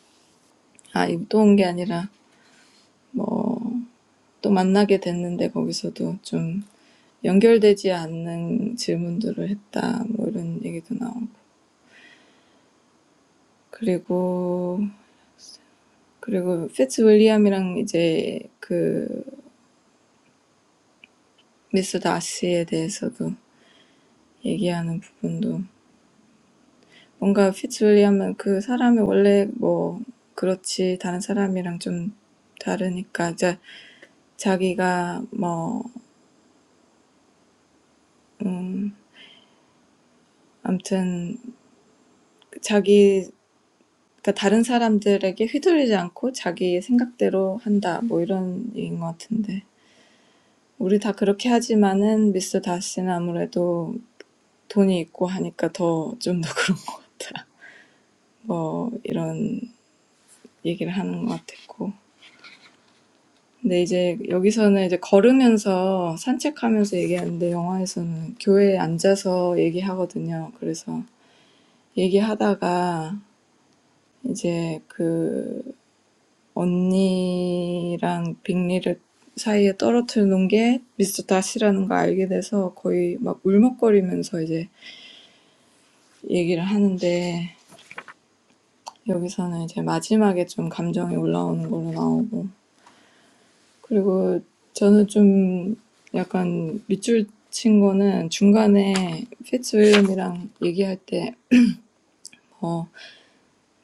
Speaker 4: 아, 또온 게 아니라 뭐 또 만나게 됐는데 거기서도 좀 연결되지 않는 질문들을 했다 뭐 이런 얘기도 나오고 그리고 그리고 피츠 윌리엄이랑 이제 그 미스 다시에 대해서도 얘기하는 부분도 뭔가 피츠 윌리엄은 그 사람이 원래 뭐 그렇지 다른 사람이랑 좀 다르니까 자기가 뭐음 아무튼 자기 그러니까 다른 사람들에게 휘둘리지 않고 자기 생각대로 한다 뭐 이런 얘기인 것 같은데 우리 다 그렇게 하지만은 미스 다시는 아무래도 돈이 있고 하니까 더좀더 그런 것 같다 뭐 이런 얘기를 하는 것 같았고 근데 이제 여기서는 이제 걸으면서 산책하면서 얘기하는데 영화에서는 교회에 앉아서 얘기하거든요 그래서 얘기하다가 이제 그 언니랑 빅리를 사이에 떨어뜨려 놓은 게 미스터 다시라는 거 알게 돼서 거의 막 울먹거리면서 이제 얘기를 하는데 여기서는 이제 마지막에 좀 감정이 올라오는 걸로 나오고 그리고 저는 좀 약간 밑줄 친 거는 중간에 피츠윌리엄이랑 얘기할 때 어,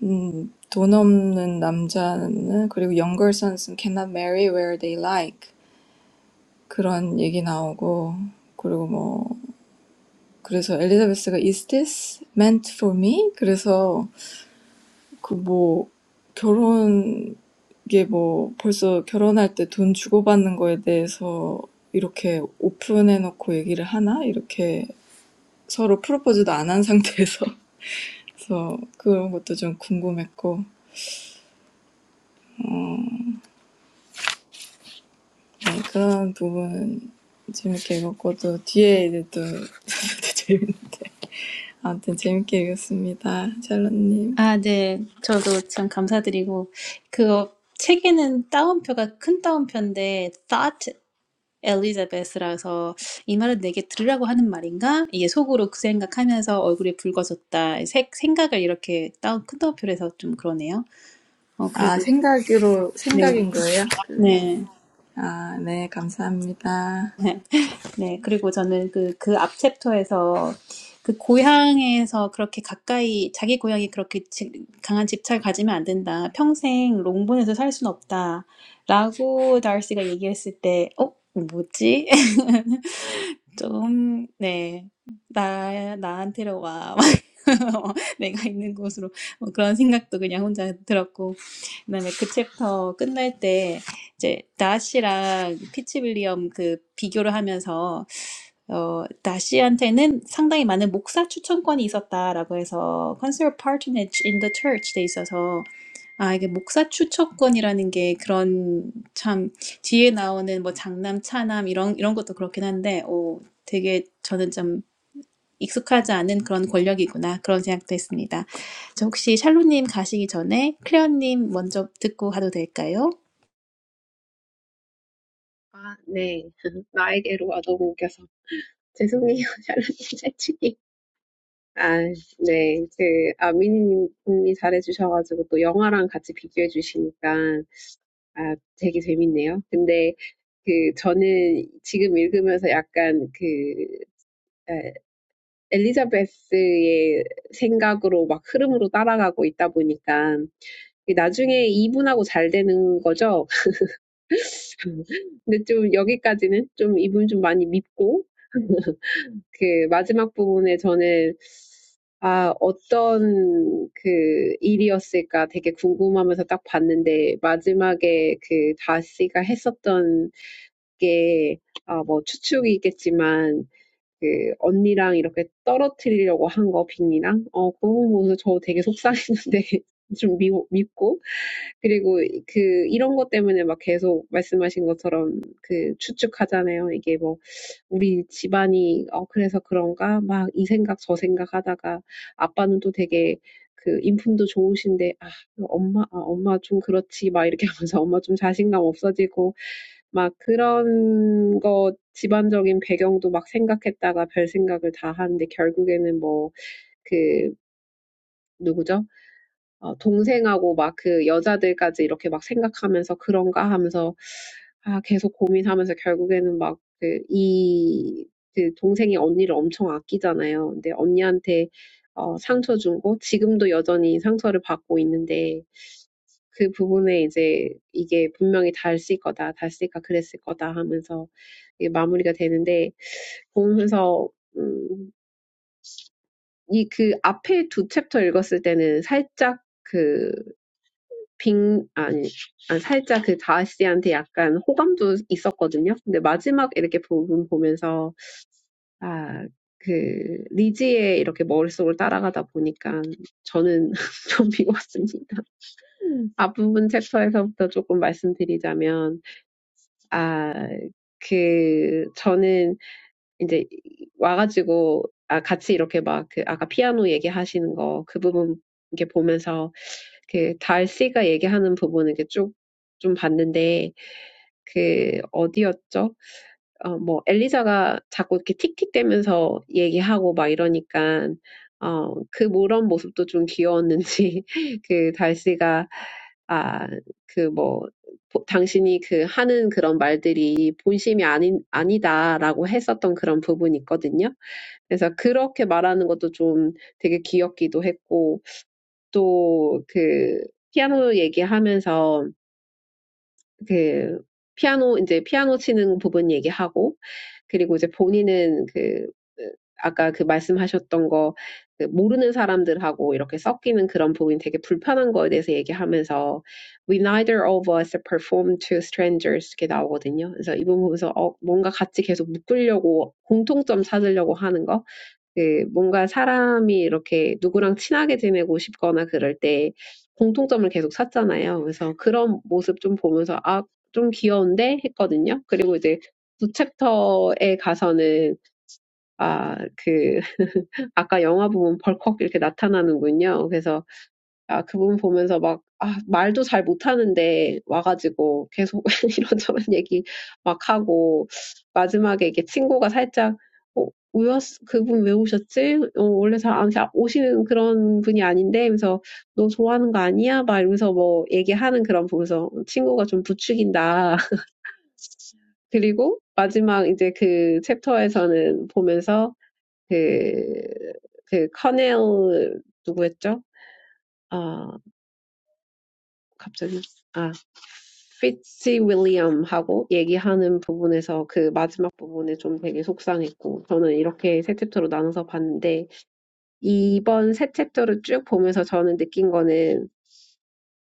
Speaker 4: 음, 돈 없는 남자는 그리고 younger sons cannot marry where they like 그런 얘기 나오고 그리고 뭐 그래서 엘리자베스가 Is this meant for me? 그래서 그 뭐 결혼 이게 뭐 벌써 결혼할 때 돈 주고받는 거에 대해서 이렇게 오픈해놓고 얘기를 하나 이렇게 서로 프로포즈도 안한 상태에서 그래서 그런 것도 좀 궁금했고 네, 그런 부분 재밌게 읽었고 또 뒤에 이제 또 재밌 아무튼 재밌게 읽었습니다 샬롯님
Speaker 1: 아, 네. 저도 참 감사드리고 그 책에는 따옴표가 큰 따옴표인데 thought Elizabeth라서 이 말은 내게 들으라고 하는 말인가? 이게 속으로 그 생각하면서 얼굴이 붉어졌다. 색, 생각을 이렇게 따옴, 큰 따옴표로 해서 좀 그러네요. 어,
Speaker 4: 아,
Speaker 1: 그리고
Speaker 4: 생각으로,
Speaker 1: 네,
Speaker 4: 생각인 거예요? 그,
Speaker 1: 네.
Speaker 4: 아, 네, 감사합니다.
Speaker 1: 네. 네, 그리고 저는 그, 그 앞 챕터에서 그 고향에서 그렇게 가까이, 자기 고향이 그렇게 지, 강한 집착을 가지면 안 된다. 평생 롱본에서 살 순 없다. 라고 다르시가 얘기했을 때, 어? 뭐지? 좀, 네. 나, 나한테로 와. 내가 있는 곳으로. 뭐 그런 생각도 그냥 혼자 들었고. 그다음에 그 챕터 끝날 때, 이제, 다시랑 피치 빌리엄 그 비교를 하면서 어, 다시한테는 상당히 많은 목사 추천권이 있었다라고 해서 consider patronage in the church 돼 있어서 아 이게 목사 추천권이라는 게 그런 참 뒤에 나오는 뭐 장남 차남 이런 이런 것도 그렇긴 한데 오 되게 저는 좀 익숙하지 않은 그런 권력이구나 그런 생각도 했습니다. 저 혹시 샬로님 가시기 전에 클레어님 먼저 듣고 가도 될까요?
Speaker 3: 아, 네. 나에게로 얻어먹여서. 죄송해요. 잘못 잘치기. 아, 네. 그, 아미님이 잘해주셔가지고 또 영화랑 같이 비교해 주시니까, 아, 되게 재밌네요. 근데 그, 저는 지금 읽으면서 약간 그, 에, 엘리자베스의 생각으로 막 흐름으로 따라가고 있다 보니까 나중에 이분하고 잘 되는 거죠. 근데 좀 여기까지는 좀 이분 좀 많이 믿고 그 마지막 부분에 저는 아, 어떤 그 일이었을까 되게 궁금하면서 딱 봤는데 마지막에 그 다씨가 했었던 게 아, 뭐 추측이겠지만 그 언니랑 이렇게 떨어뜨리려고 한 거, 빈이랑. 어, 그거 보면서 저 되게 속상했는데 좀 미, 밉고. 그리고 그 이런 것 때문에 막 계속 말씀하신 것처럼 그 추측하잖아요. 이게 뭐 우리 집안이 어 그래서 그런가 막 이 생각 저 생각 하다가 아빠는 또 되게 그 인품도 좋으신데 아 엄마 아 엄마 좀 그렇지 막 이렇게 하면서 엄마 좀 자신감 없어지고 막 그런 거 집안적인 배경도 막 생각했다가 별 생각을 다 하는데 결국에는 뭐그 누구죠? 어, 동생하고 막그 여자들까지 이렇게 막 생각하면서 그런가 하면서 아, 계속 고민하면서 결국에는 막그 이, 그 동생이 언니를 엄청 아끼잖아요. 근데 언니한테 어, 상처 준 거, 지금도 여전히 상처를 받고 있는데 그 부분에 이제 이게 분명히 닳을 거다, 닳을까 그랬을 거다 하면서 이게 마무리가 되는데 보면서 이 그 앞에 두 챕터 읽었을 때는 살짝 그 빙, 아니, 아, 살짝 그 다씨한테 약간 호감도 있었거든요. 근데 마지막 이렇게 부분 보면서, 아, 그, 리지의 이렇게 머릿속을 따라가다 보니까 저는 좀 미웠습니다. 앞부분 챕터에서부터 조금 말씀드리자면, 아, 그, 저는 이제 와가지고 아 같이 이렇게 막그 아까 피아노 얘기하시는 거그 부분 이렇게 보면서 그 달씨가 얘기하는 부분 이렇게 쭉좀 봤는데 그 어디였죠? 어, 뭐 엘리사가 자꾸 이렇게 틱틱대면서 얘기하고 막 이러니까 어, 그 그런 모습도 좀 귀여웠는지 그 달씨가 아그뭐 당신이 그 하는 그런 말들이 본심이 아닌, 아니다라고 했었던 그런 부분이 있거든요. 그래서 그렇게 말하는 것도 좀 되게 귀엽기도 했고, 또 그 피아노 얘기하면서 그 피아노 이제 피아노 치는 부분 얘기하고 그리고 이제 본인은 그 아까 그 말씀하셨던 거그 모르는 사람들하고 이렇게 섞이는 그런 부분이 되게 불편한 거에 대해서 얘기하면서 We neither of us perform to strangers 이렇게 나오거든요. 그래서 이 부분 보면서 어, 뭔가 같이 계속 묶으려고 공통점 찾으려고 하는 거 그 뭔가 사람이 이렇게 누구랑 친하게 지내고 싶거나 그럴 때 공통점을 계속 찾잖아요. 그래서 그런 모습 좀 보면서 아, 좀 귀여운데 했거든요. 그리고 이제 두 챕터에 가서는 아, 그 아까 영화 부분 벌컥 이렇게 나타나는군요. 그래서 아, 그분 보면서 막, 아, 말도 잘 못하는데 와가지고 계속 이런저런 얘기 막 하고, 마지막에 이게 친구가 살짝, 어, 왜왔 그분 왜 오셨지? 어, 원래 잘 안, 오시는 그런 분이 아닌데? 하면서, 너 좋아하는 거 아니야? 막 이러면서 뭐 얘기하는 그런 보면서 친구가 좀 부추긴다. 그리고 마지막 이제 그 챕터에서는 보면서 그, 그 커넬 누구였죠? 아, 갑자기 아 피츠윌리엄하고 얘기하는 부분에서 그 마지막 부분에 좀 되게 속상했고 저는 이렇게 세 챕터로 나눠서 봤는데 이번 세 챕터를 쭉 보면서 저는 느낀 거는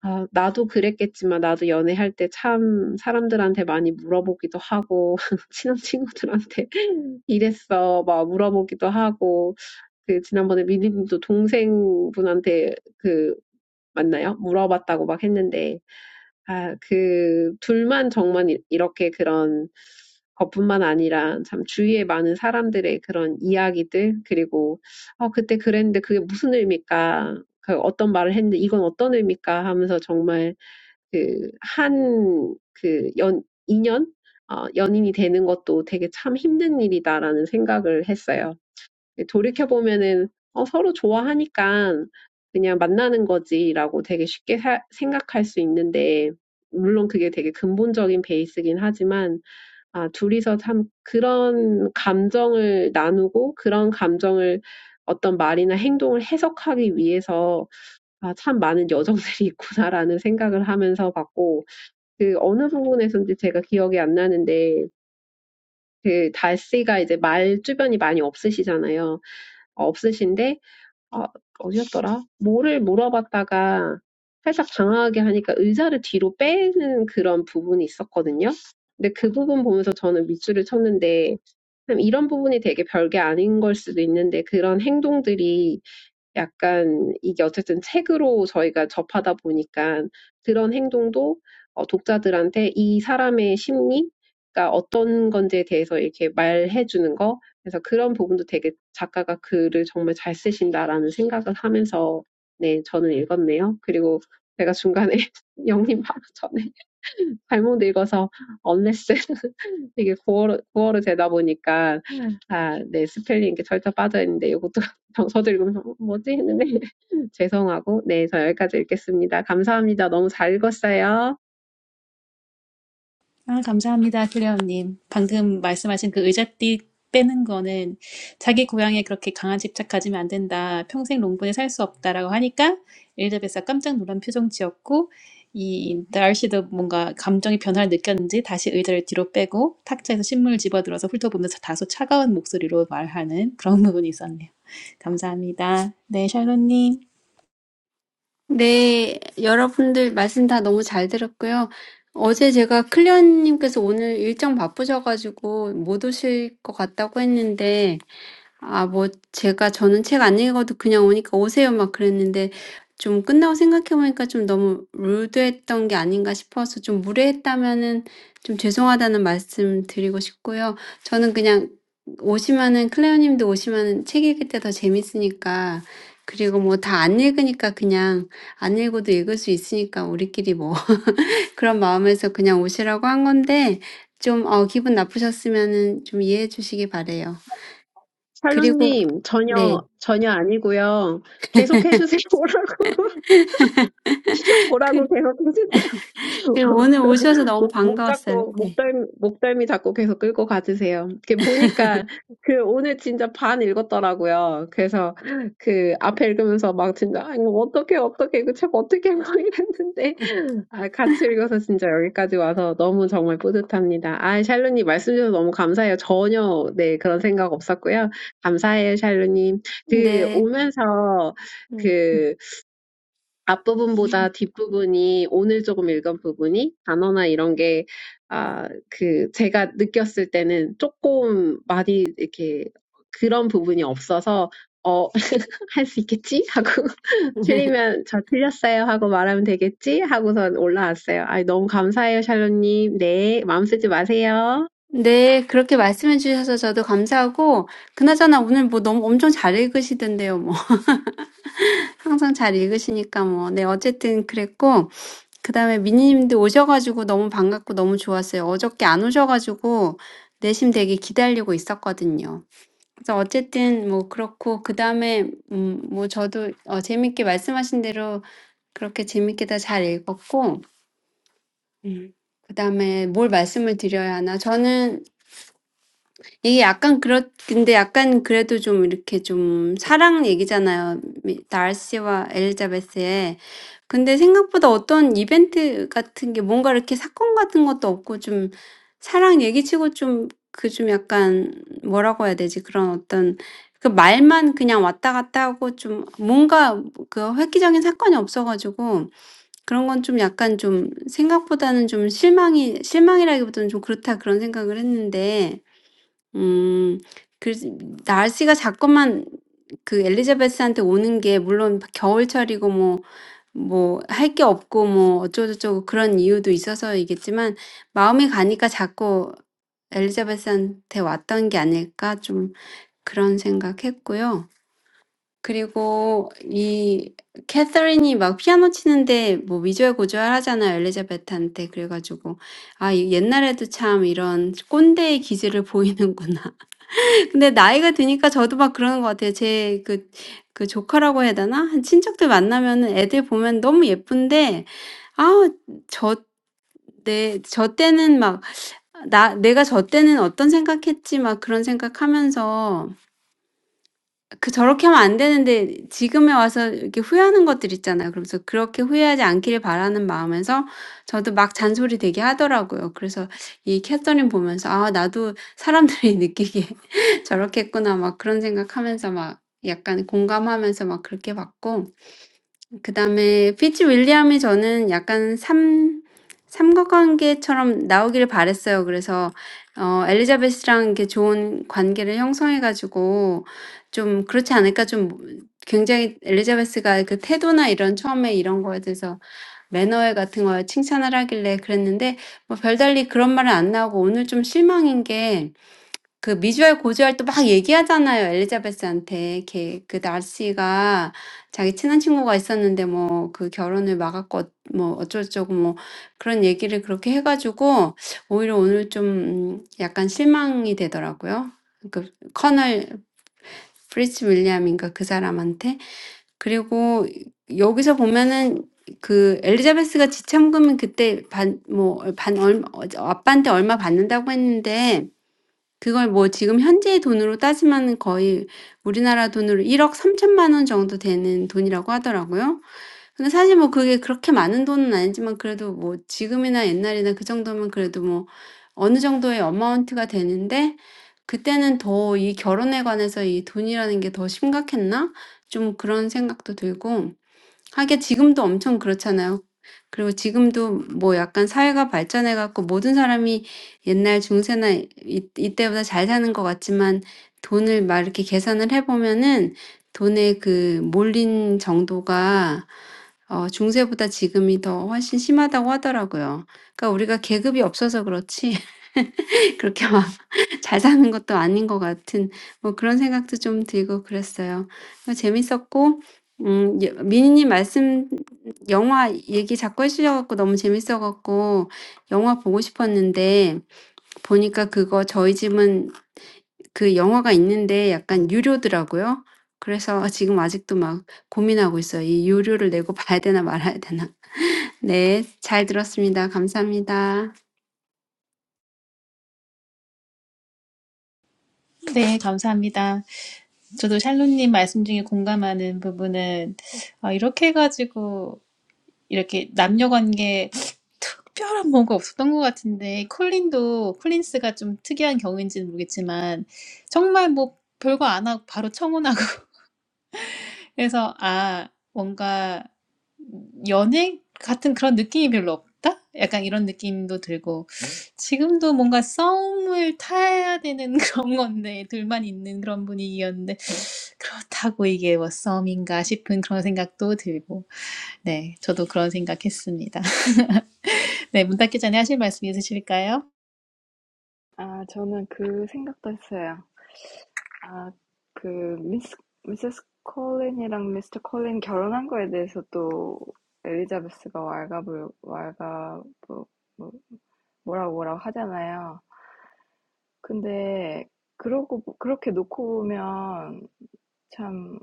Speaker 3: 아, 나도 그랬겠지만 나도 연애할 때 참 사람들한테 많이 물어보기도 하고 친한 친구들한테 이랬어 막 물어보기도 하고 그 지난번에 미니님도 동생분한테 그 맞나요? 물어봤다고 막 했는데 아, 그 둘만 정말 이- 이렇게 그런 것뿐만 아니라 참 주위에 많은 사람들의 그런 이야기들 그리고 어, 그때 그랬는데 그게 무슨 의미일까? 그 어떤 말을 했는데 이건 어떤 의미일까? 하면서 정말 그 한 그연 인연 어, 연인이 되는 것도 되게 참 힘든 일이다라는 생각을 했어요. 돌이켜보면은 어, 서로 좋아하니까 그냥 만나는 거지라고 되게 쉽게 사, 생각할 수 있는데, 물론 그게 되게 근본적인 베이스긴 하지만, 아, 둘이서 참 그런 감정을 나누고 그런 감정을 어떤 말이나 행동을 해석하기 위해서 아, 참 많은 여정들이 있구나라는 생각을 하면서 봤고, 그 어느 부분에서인지 제가 기억이 안 나는데, 그 달씨가 이제 말 주변이 많이 없으시잖아요. 없으신데 아, 어디였더라? 뭐를 물어봤다가 살짝 당황하게 하니까 의자를 뒤로 빼는 그런 부분이 있었거든요. 근데 그 부분 보면서 저는 밑줄을 쳤는데, 참 이런 부분이 되게 별게 아닌 걸 수도 있는데, 그런 행동들이 약간 이게 어쨌든 책으로 저희가 접하다 보니까 그런 행동도 어, 독자들한테 이 사람의 심리가 어떤 건지에 대해서 이렇게 말해주는 거, 그래서 그런 부분도 되게 작가가 글을 정말 잘 쓰신다라는 생각을 하면서 네, 저는 읽었네요. 그리고 제가 중간에 영님 하루 전에 잘못 읽어서 언레스 이게 구어로, 구어로 되다 보니까 아, 네, 스펠링 게 절대 빠져있는데 이것도 저도 읽으면서 뭐지 했는데 죄송하고 네, 저 여기까지 읽겠습니다. 감사합니다. 너무 잘 읽었어요.
Speaker 1: 아, 감사합니다, 클레어님. 방금 말씀하신 그 의자띠 빼는 거는 자기 고향에 그렇게 강한 집착 안 된다. 평생 롱본에 살 수 없다라고 하니까 엘리자베스가 깜짝 놀란 표정 지었고 이 날씨도 뭔가 감정의 변화를 느꼈는지 다시 의자를 뒤로 빼고 탁자에서 신문을 집어들어서 훑어보면서 다소 차가운 목소리로 말하는 그런 부분이 있었네요. 감사합니다. 네, 샬롯님.
Speaker 2: 네, 여러분들 말씀 다 너무 잘 들었고요. 어제 제가 클레어님께서 오늘 일정 바쁘셔가지고 못 오실 것 같다고 했는데 아 뭐 제가 저는 책 안 읽어도 그냥 오니까 "오세요." 막 그랬는데 좀 끝나고 생각해 보니까 좀 너무 루드했던 게 아닌가 싶어서 좀 무례했다면은 좀 죄송하다는 말씀 드리고 싶고요. 저는 그냥 오시면은 클레어님도 오시면은 책 읽을 때 더 재밌으니까 그리고 뭐 다 안 읽으니까 그냥 안 읽어도 읽을 수 있으니까 우리끼리 뭐 그런 마음에서 그냥 오시라고 한 건데 좀 어 기분 나쁘셨으면은 좀 이해해 주시기 바래요. 그리고
Speaker 3: 샬롯님
Speaker 2: 네.
Speaker 3: 전혀 전혀 아니고요. 계속 해주세요라고 오라고
Speaker 2: 그,
Speaker 3: 계속 해주세요.
Speaker 2: 그 오늘 오셔서 너무
Speaker 3: 목, 목 잡고,
Speaker 2: 반가웠어요. 네.
Speaker 3: 목덜, 목덜미 잡고 계속 끌고 가주세요. 이렇게 보니까, 그, 오늘 진짜 반 읽었더라고요. 그래서, 그, 앞에 읽으면서 막 진짜, 아, 이거 어떻게, 어떻게, 이거 책 어떻게 한 거 이랬는데, 아, 같이 읽어서 진짜 여기까지 와서 너무 정말 뿌듯합니다. 아, 샬루님 말씀 주셔서 너무 감사해요. 전혀, 네, 그런 생각 없었고요. 감사해요, 샬루님. 그,
Speaker 2: 네.
Speaker 3: 오면서, 그 앞부분보다
Speaker 2: 음.
Speaker 3: 뒷부분이 오늘 조금 읽은 부분이 단어나 이런 게, 아, 그, 제가 느꼈을 때는 조금 많이 이렇게 그런 부분이 없어서, 어, 할 수 있겠지? 하고, 틀리면 저 틀렸어요 하고 말하면 되겠지? 하고선 올라왔어요. 아, 너무 감사해요, 샬롯님. 네, 마음 쓰지 마세요.
Speaker 2: 네, 그렇게 말씀해 주셔서 저도 감사하고, 그나저나 오늘 뭐 너무 엄청 잘 읽으시던데요, 뭐. 항상 잘 읽으시니까 뭐. 네, 어쨌든 그랬고, 그 다음에 미니님도 오셔가지고 너무 반갑고 너무 좋았어요. 어저께 안 오셔가지고, 내심 되게 기다리고 있었거든요. 그래서 어쨌든 뭐 그렇고, 그 다음에, 음, 뭐 저도 어, 재밌게 말씀하신 대로 그렇게 재밌게 다잘 읽었고, 음. 그다음에 뭘 말씀을 드려야 하나? 저는 이게 약간 그렇 근데 약간 그래도 좀 이렇게 좀 사랑 얘기잖아요. 미- 달시와 엘리자베스의. 근데 생각보다 어떤 이벤트 같은 게 뭔가 이렇게 사건 같은 것도 없고 좀 사랑 얘기치고 좀그좀 약간 뭐라고 해야 되지? 그런 어떤 그 말만 그냥 왔다 갔다 하고 좀 뭔가 그 획기적인 사건이 없어가지고 그런 건 좀 약간 좀 생각보다는 좀 실망이 실망이라기보다는 좀 '그렇다.' 그런 생각을 했는데 음 그래서 날씨가 자꾸만 그 엘리자베스한테 오는 게 물론 겨울철이고 뭐 뭐 할 게 없고 뭐 어쩌고저쩌고 그런 이유도 있어서이겠지만 마음이 가니까 자꾸 엘리자베스한테 왔던 게 아닐까 좀 그런 생각했고요. 그리고 이 캐서린이 막 피아노 치는데 뭐 위절고절 하잖아요, 엘리자베트한테. 그래가지고, 아, 이 옛날에도 참 이런 꼰대의 기질을 보이는구나. 근데 나이가 드니까 저도 막 그러는 것 같아요. 제 그, 그 조카라고 해야 되나? 한 친척들 만나면은 애들 보면 너무 예쁜데, 아, 저, 내, 저 때는 막, 나, 내가 저 때는 어떤 생각했지, 막 그런 생각하면서 그 저렇게 하면 안 되는데 지금에 와서 이렇게 후회하는 것들 있잖아요. 그러면서 그렇게 후회하지 않기를 바라는 마음에서 저도 막 잔소리 되게 하더라고요. 그래서 이 캐서린 보면서 '아 나도 사람들이 느끼기에 저렇게 했구나.' 막 그런 생각하면서 막 약간 공감하면서 막 그렇게 봤고 그다음에 피츠 윌리엄이 저는 약간 삼 삼각관계처럼 나오기를 바랬어요. 그래서 어 엘리자베스랑 이렇게 좋은 관계를 형성해 가지고 좀 그렇지 않을까 좀 굉장히 엘리자베스가 그 태도나 이런 처음에 이런 거에 대해서 매너에 같은 거에 칭찬을 하길래 그랬는데 뭐 별달리 그런 말은 안 나오고 오늘 좀 실망인 게 그 미주알 고주알 또막 얘기하잖아요. 엘리자베스한테 걔, 그 날씨가 자기 친한 친구가 있었는데 뭐그 결혼을 막았고 어- 뭐 어쩌고저쩌고 뭐 그런 얘기를 그렇게 해가지고 오히려 오늘 좀 음, 약간 실망이 되더라고요. 그 커널 프리츠 윌리엄인가 그 사람한테 그리고 여기서 보면은 그 엘리자베스가 지참금은 그때 반뭐반 얼마 아빠한테 얼마 받는다고 했는데 그걸 뭐 지금 현재의 돈으로 따지면은 거의 우리나라 돈으로 1억 3,000,000원 정도 되는 돈이라고 하더라고요. 근데 사실 뭐 그게 그렇게 많은 돈은 아니지만 그래도 뭐 지금이나 옛날이나 그 정도면 그래도 뭐 어느 정도의 어마운트가 되는데 그때는 더 이 결혼에 관해서 이 돈이라는 게 더 심각했나? 좀 그런 생각도 들고 하긴 지금도 엄청 그렇잖아요. 그리고 지금도 뭐 약간 사회가 발전해 갖고 모든 사람이 옛날 중세나 이, 이때보다 잘 사는 것 같지만 돈을 막 이렇게 계산을 해 보면은 돈의 그 몰린 정도가 어, 중세보다 지금이 더 훨씬 심하다고 하더라고요. 그러니까 우리가 계급이 없어서 그렇지 그렇게 막 잘 사는 것도 아닌 것 같은 뭐 그런 생각도 좀 들고 그랬어요. 어 재밌었고 음예 미니님 말씀 영화 얘기 자꾸 해주셔갖고 너무 재밌어 영화 보고 싶었는데 보니까 그거 저희 집은 그 영화가 있는데 약간 유료더라고요. 그래서 지금 아직도 막 고민하고 있어요. 이 유료를 내고 봐야 되나 말아야 되나. 네. 잘 들었습니다. 감사합니다.
Speaker 1: 네, 감사합니다. 저도 샬론님 말씀 중에 공감하는 부분은 아, 이렇게 해가지고 이렇게 남녀 관계 특별한 뭔가 없었던 것 같은데 콜린도 콜린스가 좀 특이한 경우인지는 모르겠지만 정말 뭐 별거 안 하고 바로 청혼하고 그래서 아 뭔가 연애 같은 그런 느낌이 별로 없다? 약간 이런 느낌도 들고 지금도 뭔가 썸을 타야 되는 그런 건데 둘만 있는 그런 분위기였는데 그렇다고 이게 워썸인가 싶은 그런 생각도 들고, 네, 저도 그런 생각했습니다. 네, 문 닫기 전에 하실 말씀 있으실까요?
Speaker 4: 아, 저는 그 생각도 했어요. 아, 그 미스 미세스 콜린이랑 미스터 콜린 결혼한 거에 대해서 또 엘리자베스가 왈가불 왈가 뭐, 뭐 뭐라고 뭐라고 하잖아요. 근데 그러고 그렇게 놓고 보면 참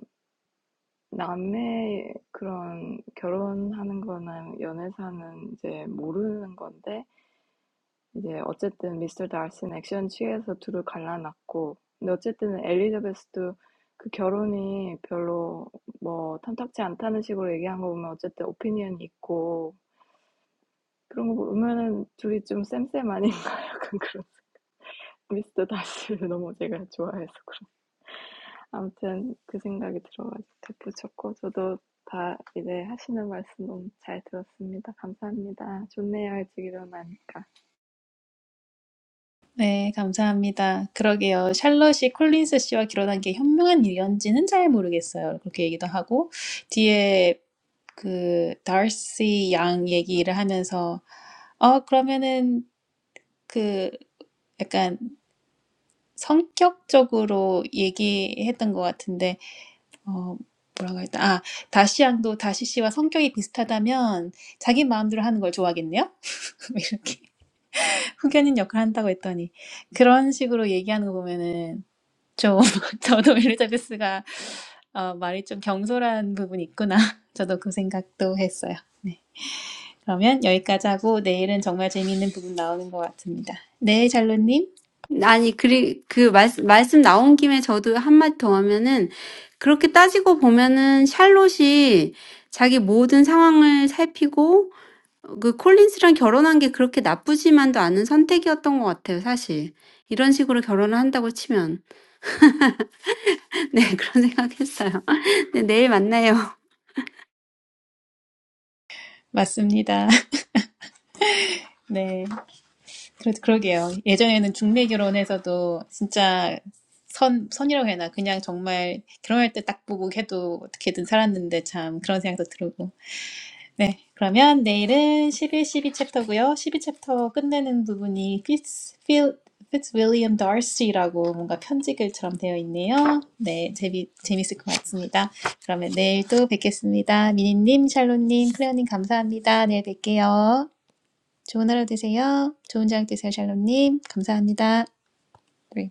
Speaker 4: 남의 그런 결혼하는 거나 연애사는 이제 모르는 건데 이제 어쨌든 미스터 달슨 액션 취해서 둘을 갈라놨고 근데 어쨌든 엘리자베스도 그 결혼이 별로 뭐 탐탁치 않다는 식으로 얘기한 거 보면 어쨌든 오피니언이 있고 그런 거 보면은 둘이 좀 쌤쌤 아닌가 약간 그런 미스터 다시를 너무 제가 좋아해서 그런 아무튼 그 생각이 들어가지고 덧붙였고 저도 다 이제 하시는 말씀 너무 잘 들었습니다. 감사합니다. 좋네요 일찍 일어나니까.
Speaker 1: 네, 감사합니다. 그러게요. 샬럿이 콜린스 씨와 결혼한 게 현명한 일인지는 잘 모르겠어요. 그렇게 얘기도 하고, 뒤에 그 다시 양 얘기를 하면서, 어, 그러면은 그 약간 성격적으로 얘기했던 것 같은데, 어, 뭐라고 했다. 아, 다시 양도 다시 씨와 성격이 비슷하다면 자기 마음대로 하는 걸 좋아하겠네요? 이렇게 후견인 역할을 한다고 했더니 그런 식으로 얘기하는 거 보면은 좀 저도 엘리자베스가 어, 말이 좀 경솔한 부분이 있구나. 저도 그 생각도 했어요. 네. 그러면 여기까지 하고 내일은 정말 재미있는 부분 나오는 것 같습니다. 네, 잘로님.
Speaker 2: 아니, 그리, 그, 말, 말씀 나온 김에 저도 한마디 더 하면은, 그렇게 따지고 보면은, 샬롯이 자기 모든 상황을 살피고, 그 콜린스랑 결혼한 게 그렇게 나쁘지만도 않은 선택이었던 것 같아요, 사실. 이런 식으로 결혼을 한다고 치면. 네, 그런 생각했어요. 네, 내일 만나요.
Speaker 1: 맞습니다. 네. 그러, 그러게요. 예전에는 중매 결혼에서도 진짜 선, 선이라고 해야 하나. 그냥 정말 결혼할 때 딱 보고 해도 어떻게든 살았는데 참 그런 생각도 들고. 네. 그러면 내일은 십일 십이 챕터고요. 십이 챕터 끝내는 부분이 Fitz, Phil, Fitzwilliam Darcy라고 뭔가 편지글처럼 되어 있네요. 네. 재미, 재밌을 것 같습니다. 그러면 내일 또 뵙겠습니다. 미니님, 샬롯님, 클레어님 감사합니다. 내일 뵐게요. 좋은 하루 되세요. 좋은 저녁 되세요, 샬롬님. 감사합니다. 네.